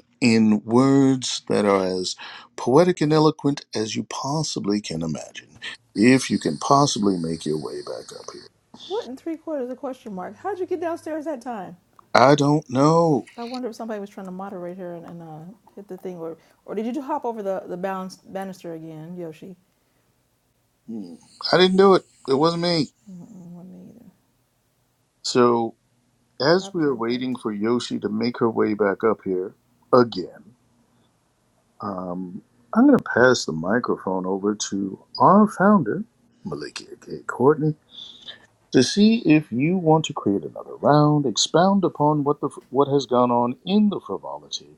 in words that are as poetic and eloquent as you possibly can imagine, if you can possibly make your way back up here. What in three quarters of question mark? How'd you get downstairs that time? I don't know. I wonder if somebody was trying to moderate her and, and uh, hit the thing. Or, or did you hop over the, the balance, banister again, Yoshi? Hmm. I didn't do it. It wasn't me. Mm, wasn't me either. So, I as we was are on crack, waiting for too. Yoshi to make her way back up here again, um, I'm going to pass the microphone over to our founder, Malikia K. Courtney to see if you want to create another round, expound upon what the what has gone on in the frivolity,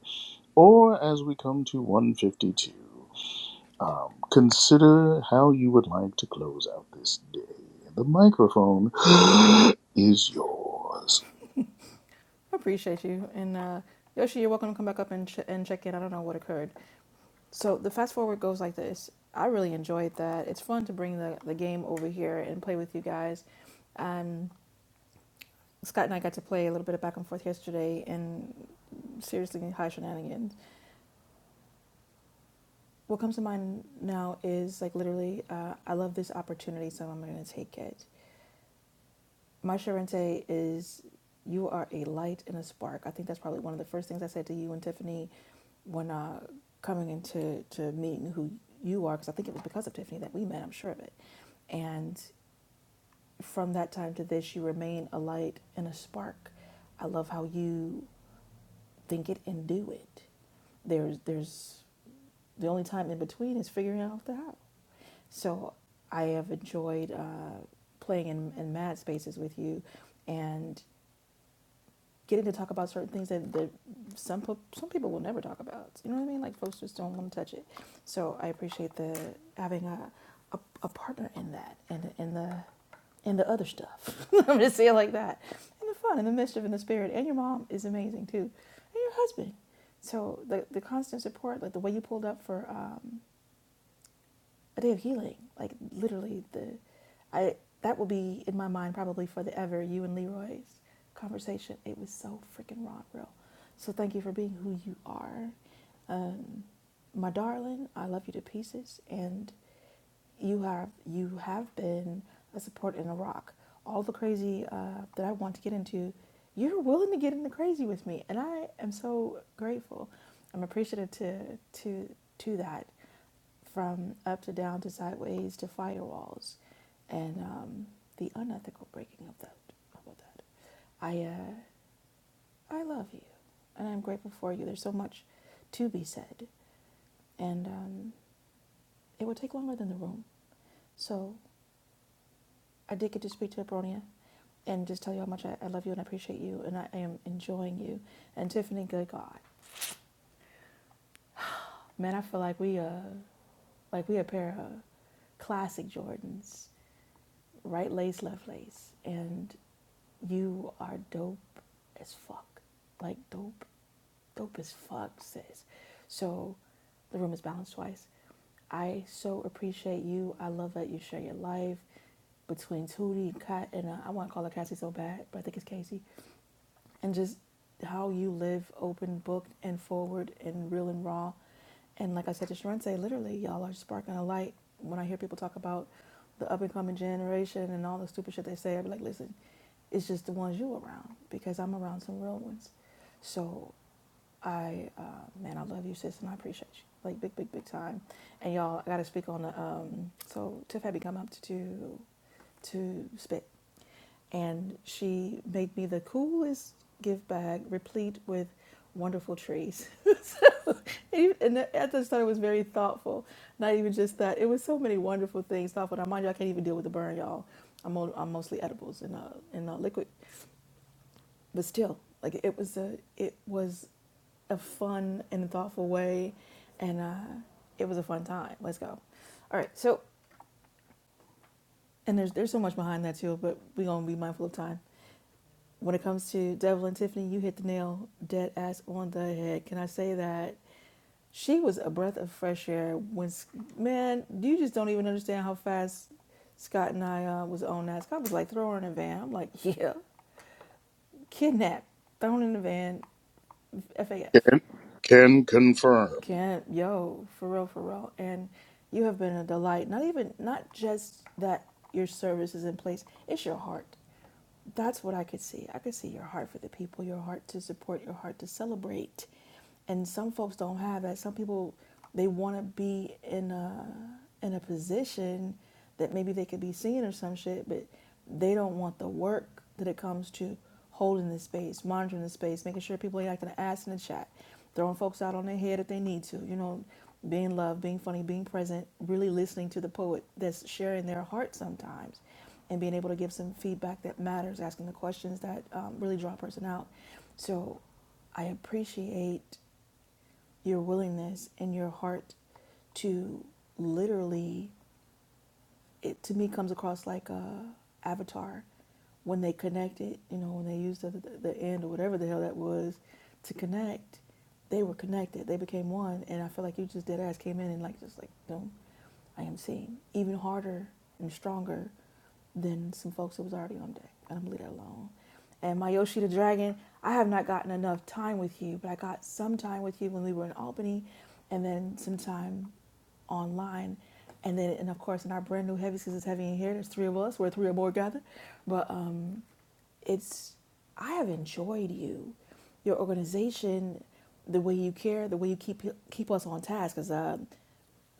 or as we come to 152, um, consider how you would like to close out this day. The microphone is yours. Appreciate you. And uh, Yoshi, you're welcome to come back up and, ch- and check in. I don't know what occurred. So the fast forward goes like this. I really enjoyed that. It's fun to bring the, the game over here and play with you guys. Um, Scott and I got to play a little bit of back and forth yesterday, and seriously, high shenanigans. What comes to mind now is like literally, uh, I love this opportunity, so I'm going to take it. My Sharente is you are a light and a spark. I think that's probably one of the first things I said to you and Tiffany when uh, coming into to meeting who you are, because I think it was because of Tiffany that we met, I'm sure of it. And from that time to this, you remain a light and a spark. I love how you think it and do it. There's there's the only time in between is figuring out the how. So I have enjoyed uh, playing in, in mad spaces with you, and getting to talk about certain things that, that some po- some people will never talk about. You know what I mean? Like folks just don't want to touch it. So I appreciate the having a a, a partner in that and and the and the other stuff. I'm just saying like that. And the fun and the mischief and the spirit and your mom is amazing too, and your husband. So the the constant support, like the way you pulled up for um, a day of healing, like literally the I that will be in my mind probably for the ever. You and Leroy's conversation. It was so freaking raw and real. So thank you for being who you are, um, my darling. I love you to pieces, and you have you have been a support and a rock. All the crazy uh, that I want to get into, you're willing to get into crazy with me, and I am so grateful. I'm appreciative to to to that from up to down to sideways to firewalls, and um, the unethical breaking of that. How about that? I uh, I love you, and I'm grateful for you. There's so much to be said, and um, it would take longer than the room. So I did get to speak to Abronia and just tell you how much I, I love you and I appreciate you, and I am enjoying you. And Tiffany, good God, man, I feel like we uh like we a pair of classic Jordans, right lace, left lace, and you are dope as fuck. Like dope, dope as fuck, sis. So the room is balanced twice. I so appreciate you. I love that you share your life between Tootie and Kat, and uh, I want to call her Cassie so bad, but I think it's Casey. And just how you live open, book, and forward, and real and raw. And like I said to Sharente, literally, y'all are sparking a light. When I hear people talk about the up and coming generation and all the stupid shit they say, i be like, listen, it's just the ones you around because I'm around some real ones. So I uh, man, I love you, sis, and I appreciate you like big, big, big time. And y'all, I got to speak on the um. So Tiff had me come up to to to spit, and she made me the coolest gift bag replete with wonderful trees. and at the start, it was very thoughtful. Not even just that; it was so many wonderful things thoughtful. Now, mind you, I can't even deal with the burn, y'all. I'm, mo- I'm mostly edibles and uh, and uh, liquid, but still, like it was a it was. a fun and thoughtful way, and uh, it was a fun time. Let's go. All right. So, and there's there's so much behind that too, but we're gonna be mindful of time. When it comes to Devil and Tiffany, you hit the nail dead ass on the head. Can I say that she was a breath of fresh air? When man, you just don't even understand how fast Scott and I uh, was on that. Scott was like, throw her in a van. I'm like, yeah, kidnap, thrown in the van, FAF. Can, can confirm. Can't, yo, for real, for real. And you have been a delight. Not even, not just that your service is in place, it's your heart that's what I could see. I could see your heart for the people, your heart to support, your heart to celebrate. And some folks don't have that. Some people they want to be in a in a position that maybe they could be seen or some shit, but they don't want the work that it comes to holding the space, monitoring the space, making sure people ain't acting an ass in the chat, throwing folks out on their head if they need to, you know, being loved, being funny, being present, really listening to the poet that's sharing their heart sometimes and being able to give some feedback that matters, asking the questions that um, really draw a person out. So I appreciate your willingness and your heart to literally, it to me comes across like a avatar when they connected, you know, when they used the, the, the end or whatever the hell that was to connect, they were connected. They became one. And I feel like you just dead ass came in and like, just like, boom, I am seen. Even harder and stronger than some folks that was already on deck. And I'm gonna leave that alone. And Mayoshi the Dragon, I have not gotten enough time with you, but I got some time with you when we were in Albany, and then some time online, and then and of course in our brand new heavy because it's heavy in here. There's three of us, we're three or more gathered, but um, it's I have enjoyed you, your organization, the way you care, the way you keep keep us on task. Because um,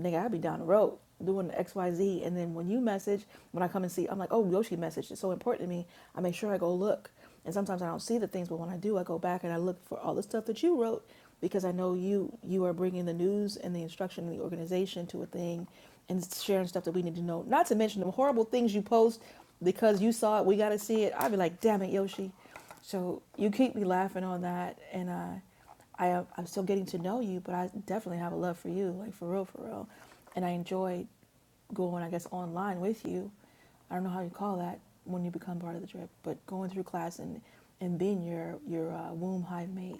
nigga, i be down the road doing X, Y, Z. And then when you message, when I come and see, I'm like, oh, Yoshi messaged. It's so important to me. I make sure I go look. And sometimes I don't see the things, but when I do, I go back and I look for all the stuff that you wrote because I know you you are bringing the news and the instruction and the organization to a thing and sharing stuff that we need to know. Not to mention the horrible things you post because you saw it, we got to see it. I'd be like, damn it, Yoshi. So you keep me laughing on that. And uh, I I'm still getting to know you, but I definitely have a love for you, like for real, for real. And I enjoy going, I guess, online with you. I don't know how you call that when you become part of the drip, but going through class and, and being your, your uh, womb hive mate,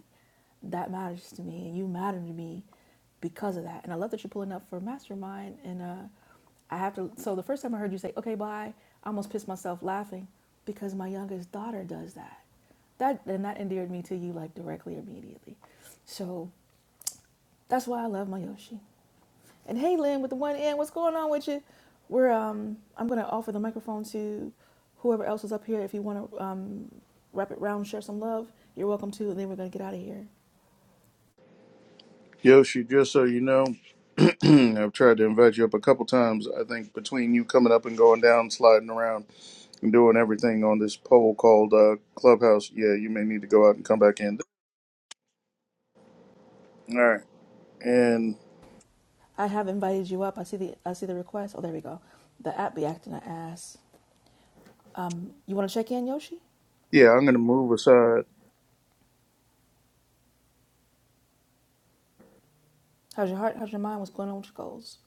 that matters to me. And you matter to me because of that. And I love that you're pulling up for mastermind. And uh, I have to, so the first time I heard you say, okay, bye, I almost pissed myself laughing because my youngest daughter does that. That and that endeared me to you like directly immediately. So that's why I love my Yoshi. And hey Lynn with the one N, what's going on with you? We're um I'm gonna offer the microphone to whoever else is up here if you wanna um wrap it round, share some love, you're welcome to, and then we're gonna get out of here. Yoshi, just so you know, I've tried to invite you up a couple times. I think between you coming up and going down, sliding around. doing everything on this poll called uh, Clubhouse. Yeah, you may need to go out and come back in. All right. And I have invited you up. I see the I see the request. Oh there we go. The app be acting an ass. You wanna check in, Yoshi? yeah, I'm going to move aside, How's your heart? How's your mind? What's going on with your goals?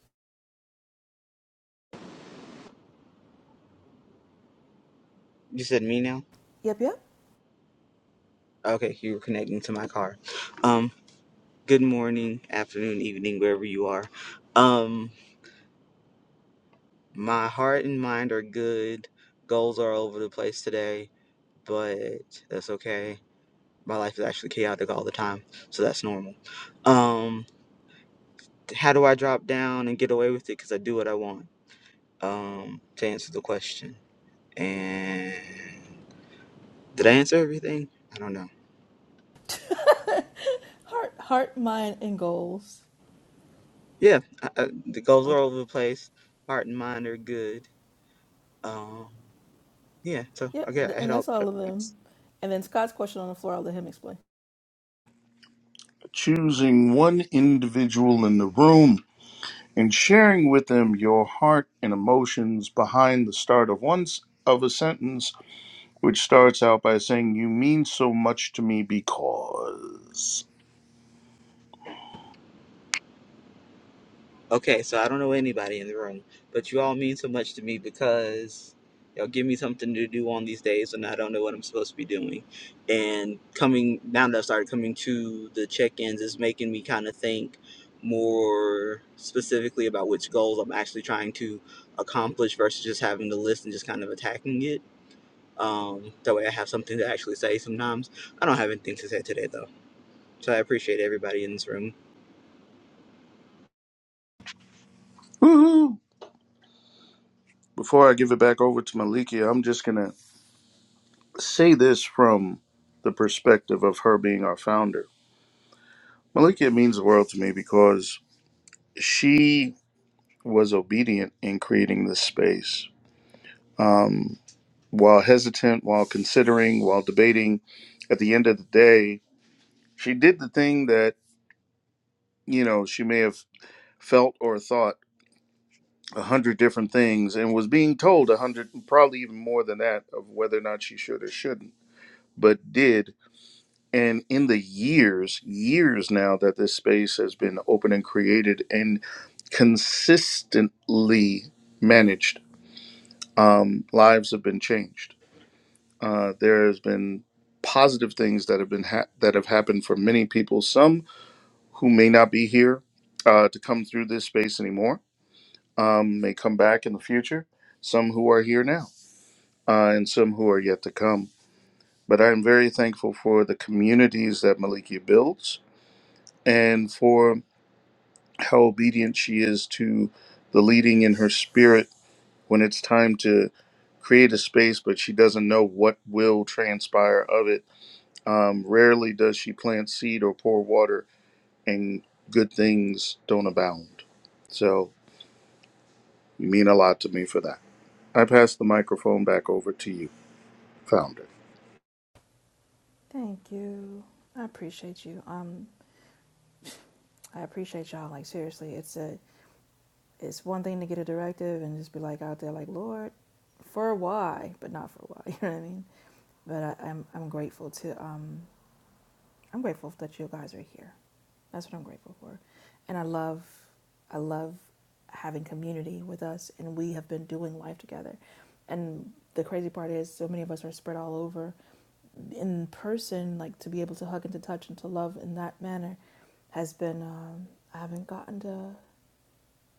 You said me now? Yep, yep. Okay, you were connecting to my car. Um, good morning, afternoon, evening, wherever you are. Um, my heart and mind are good. Goals are all over the place today, but that's okay. My life is actually chaotic all the time, so that's normal. Um, how do I drop down and get away with it? Because I do what I want. Um, to answer the question. And did I answer everything? I don't know. Heart, heart, mind, and goals. Yeah, I, I, the goals are all over the place. Heart and mind are good Um, yeah, so Yep, I got I and had all that's the all prep of them. points. And then Scott's question on the floor, I'll let him explain. choosing one individual in the room and sharing with them your heart and emotions behind the start of one s- of a sentence, which starts out by saying, You mean so much to me because. Okay, so I don't know anybody in the room, but you all mean so much to me because y'all give me something to do on these days when I don't know what I'm supposed to be doing. And coming now that I've started coming to the check-ins is making me kind of think more specifically about which goals I'm actually trying to accomplish versus just having the list and just kind of attacking it. Um, that way I have something to actually say sometimes. I don't have anything to say today though. So I appreciate everybody in this room. Woohoo! Before I give it back over to Malikia, I'm just going to say this from the perspective of her being our founder Malikia means the world to me because she was obedient in creating this space. Um, while hesitant, while considering, while debating, at the end of the day, she did the thing that, you know, she may have felt or thought a hundred different things and was being told a hundred, probably even more than that, of whether or not she should or shouldn't, but did. and in the years years now that this space has been open and created and consistently managed um, lives have been changed uh, there has been positive things that have been ha- that have happened for many people some who may not be here uh, to come through this space anymore um, may come back in the future some who are here now uh, and some who are yet to come but i am very thankful for the communities that malikia builds and for how obedient she is to the leading in her spirit when it's time to create a space, but she doesn't know what will transpire of it. Um, rarely does she plant seed or pour water, and good things don't abound. So you mean a lot to me for that. I pass the microphone back over to you, founder. Thank you. I appreciate you. Um, I appreciate y'all. Like seriously, it's a, it's one thing to get a directive and just be like out there, like Lord, for why, but not for why. You know what I mean? But I, I'm I'm grateful to um I'm grateful that you guys are here. That's what I'm grateful for, and I love I love having community with us, and we have been doing life together. And the crazy part is, so many of us are spread all over, in person, like to be able to hug and to touch and to love in that manner, has been. Um, I haven't gotten to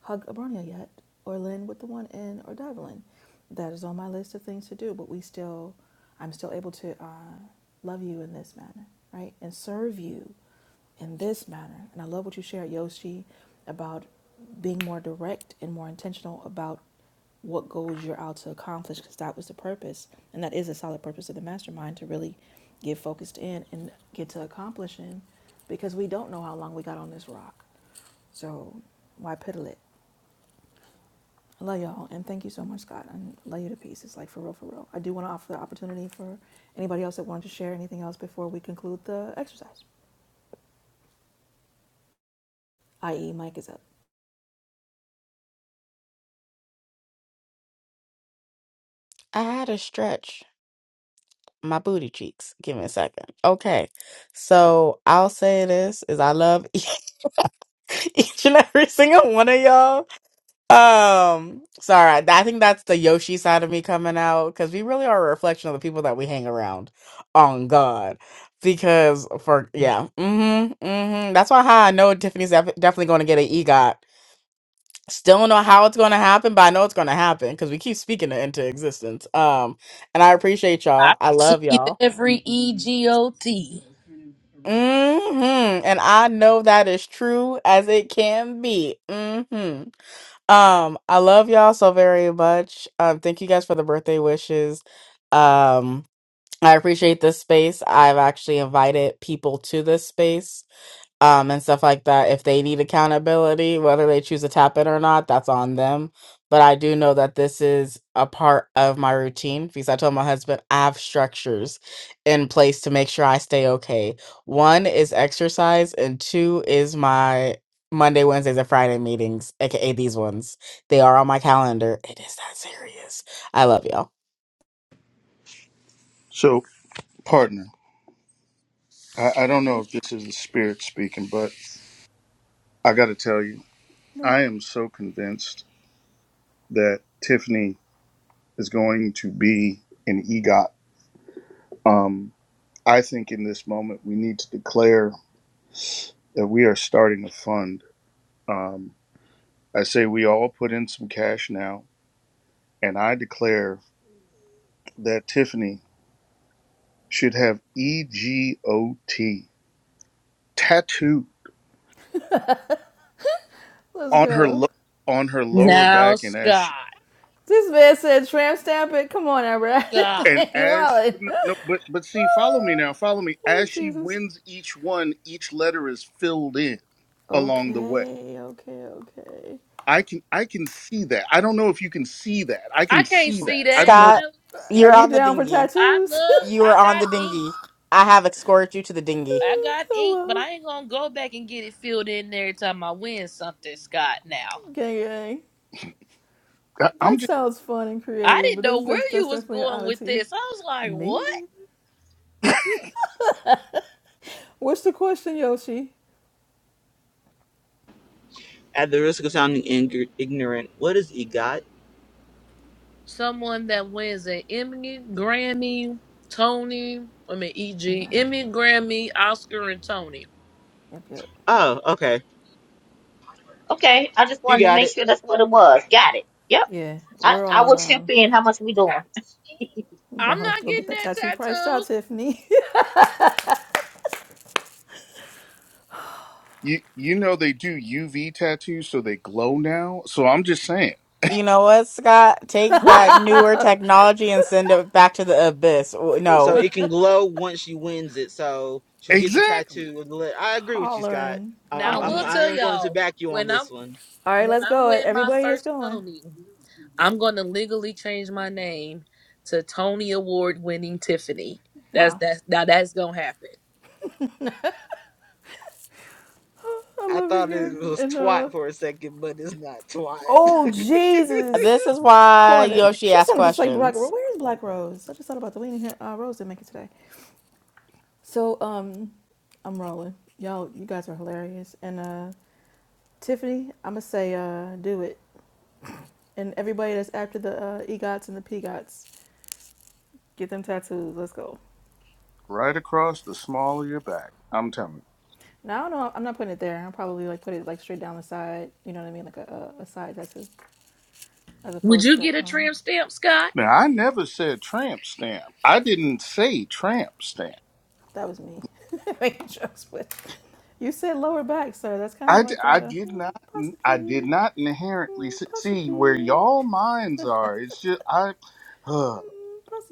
hug Abronia yet, or Lynn with the one in, or Devlin. That is on my list of things to do. But we still, I'm still able to uh, love you in this manner, right, and serve you in this manner. And I love what you shared, Yoshi, about being more direct and more intentional about what goals you're out to accomplish because that was the purpose and that is a solid purpose of the mastermind to really get focused in and get to accomplishing because we don't know how long we got on this rock so why piddle it i love y'all and thank you so much scott and love you to pieces like for real for real i do want to offer the opportunity for anybody else that wanted to share anything else before we conclude the exercise i.e mike is up I had a stretch. my booty cheeks. Give me a second. Okay. So I'll say this is I love each and every single one of y'all. Um, sorry, I think that's the Yoshi side of me coming out because we really are a reflection of the people that we hang around. On God, because for yeah, mm-hmm, mm-hmm. That's why how I know Tiffany's def- definitely going to get an EGOT. Still don't know how it's going to happen, but I know it's going to happen because we keep speaking it into existence. Um, and I appreciate y'all. I See love y'all. every EGOT. Mm-hmm. And I know that is true as it can be. Mm-hmm. Um, I love y'all so very much. Um, thank you guys for the birthday wishes. Um, I appreciate this space. I've actually invited people to this space um, and stuff like that. If they need accountability, whether they choose to tap in or not, that's on them. But I do know that this is a part of my routine because I told my husband I have structures in place to make sure I stay okay. One is exercise, and two is my Monday, Wednesdays, and Friday meetings, aka these ones. They are on my calendar. It is that serious. I love y'all. So, partner, I, I don't hmm? know if this is the spirit speaking, but I got to tell you, Yeah, I am so convinced that Tiffany is going to be an EGOT. Um, I think in this moment we need to declare that we are starting a fund. Um, I say we all put in some cash now, and I declare that Tiffany should have EGOT tattoo let's on her go lo- on her lower Now, back, and as Scott, she this man said tramp stamp it come on everett God, and you as she- wallet no, no, but but Ah. see, follow me now, follow me. Oh As she Jesus. wins each one, each letter is filled in along the way. Okay, okay, okay. I can I can see that. I don't know if you can see that. I I can can't see see that. I that. don't know. Scott, Now, listen, Are you're you on the down for dinghy. I tattoos? love, You I are on got the ink. dinghy. I have escorted you to the dinghy. I got ink, but Hello, I ain't gonna go back and get it filled in there every time I win something, Scott. Now, gang, gang. I- I'm That just sounds fun and I creative, didn't but know that's where that's, you that's was definitely an going with oddity. this. I was like, Me what? neither. What's the question, Yoshi? At the risk of sounding ing- ignorant, what is EGOT? Someone that wins an Emmy, Grammy, Tony, I mean, No, EG, that's Emmy, good. Grammy, Oscar, and Tony. Yep, yep. Oh, okay. Okay, I just You wanted to got make it. sure that's what it was. Got it. Yep. Yeah, I, we're I all will chip um in. How much we doing? I'm gonna have not to go get getting that that tattoo priced tattoo. out, Tiffany. you you know they do UV tattoos so they glow now. So I'm just saying. You know what, Scott? Take What? that newer technology and send it back to the abyss. W- So No. it can glow once she wins it. So she'll get the Exactly. tattoo. With the le- I agree with you, Scott. hollering, I- I'm, Now I I'm I'm, will hollering. just I tell am going to y'all back you on when I'm this one. All right, when let's I go. win my Everybody that's first going. Tony, I'm gonna legally change my name to Tony Award winning Tiffany. That's Wow. that's now that's gonna happen. Oh, I I love it thought here. it was And uh twat for a second, but it's not twat. Oh Jesus! This is why Corner. Yoshi She asks sounded just like Black questions. Rose. Where is Black Rose? I just thought about the we here. uh, Rose didn't make it today. So um, I'm rolling. Y'all, you guys are hilarious. And uh, Tiffany, I'm gonna say uh, do it. And everybody that's after the uh, egots and the pegots, get them tattoos. Let's go. right across the small of your back. I'm telling you. Now I don't know. I'm not putting it there. I'll probably like put it like straight down the side. You know what I mean? Like a, a a side tattoo, as Would opposed you get to a um, trim stamp, Scott? Now I never said tramp stamp. I didn't say tramp stamp. that was me making jokes with. You said lower back, sir. That's kind of I, d- like I a did mm, not I did possibly, not inherently mm, s- see possibly, where mm, y'all minds are. It's just I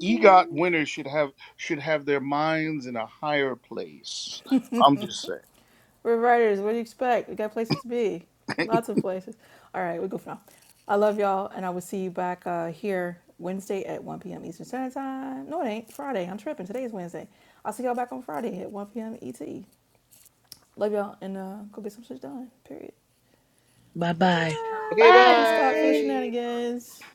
EGOT winners should have should have their minds in a higher place. I'm just saying. We're writers. What do you expect? We got places to be. Lots of places. All right, we go for now. I love y'all, and I will see you back uh, here Wednesday at 1 p.m. Eastern Standard Time. No, it ain't. Friday. I'm tripping. Today is Wednesday. I'll see y'all back on Friday at 1 p.m. ET. Love y'all, and uh, go get some shit done. Period. Bye bye. Okay, Bye. Thanks, Scott, for the Bye. bye. shenanigans.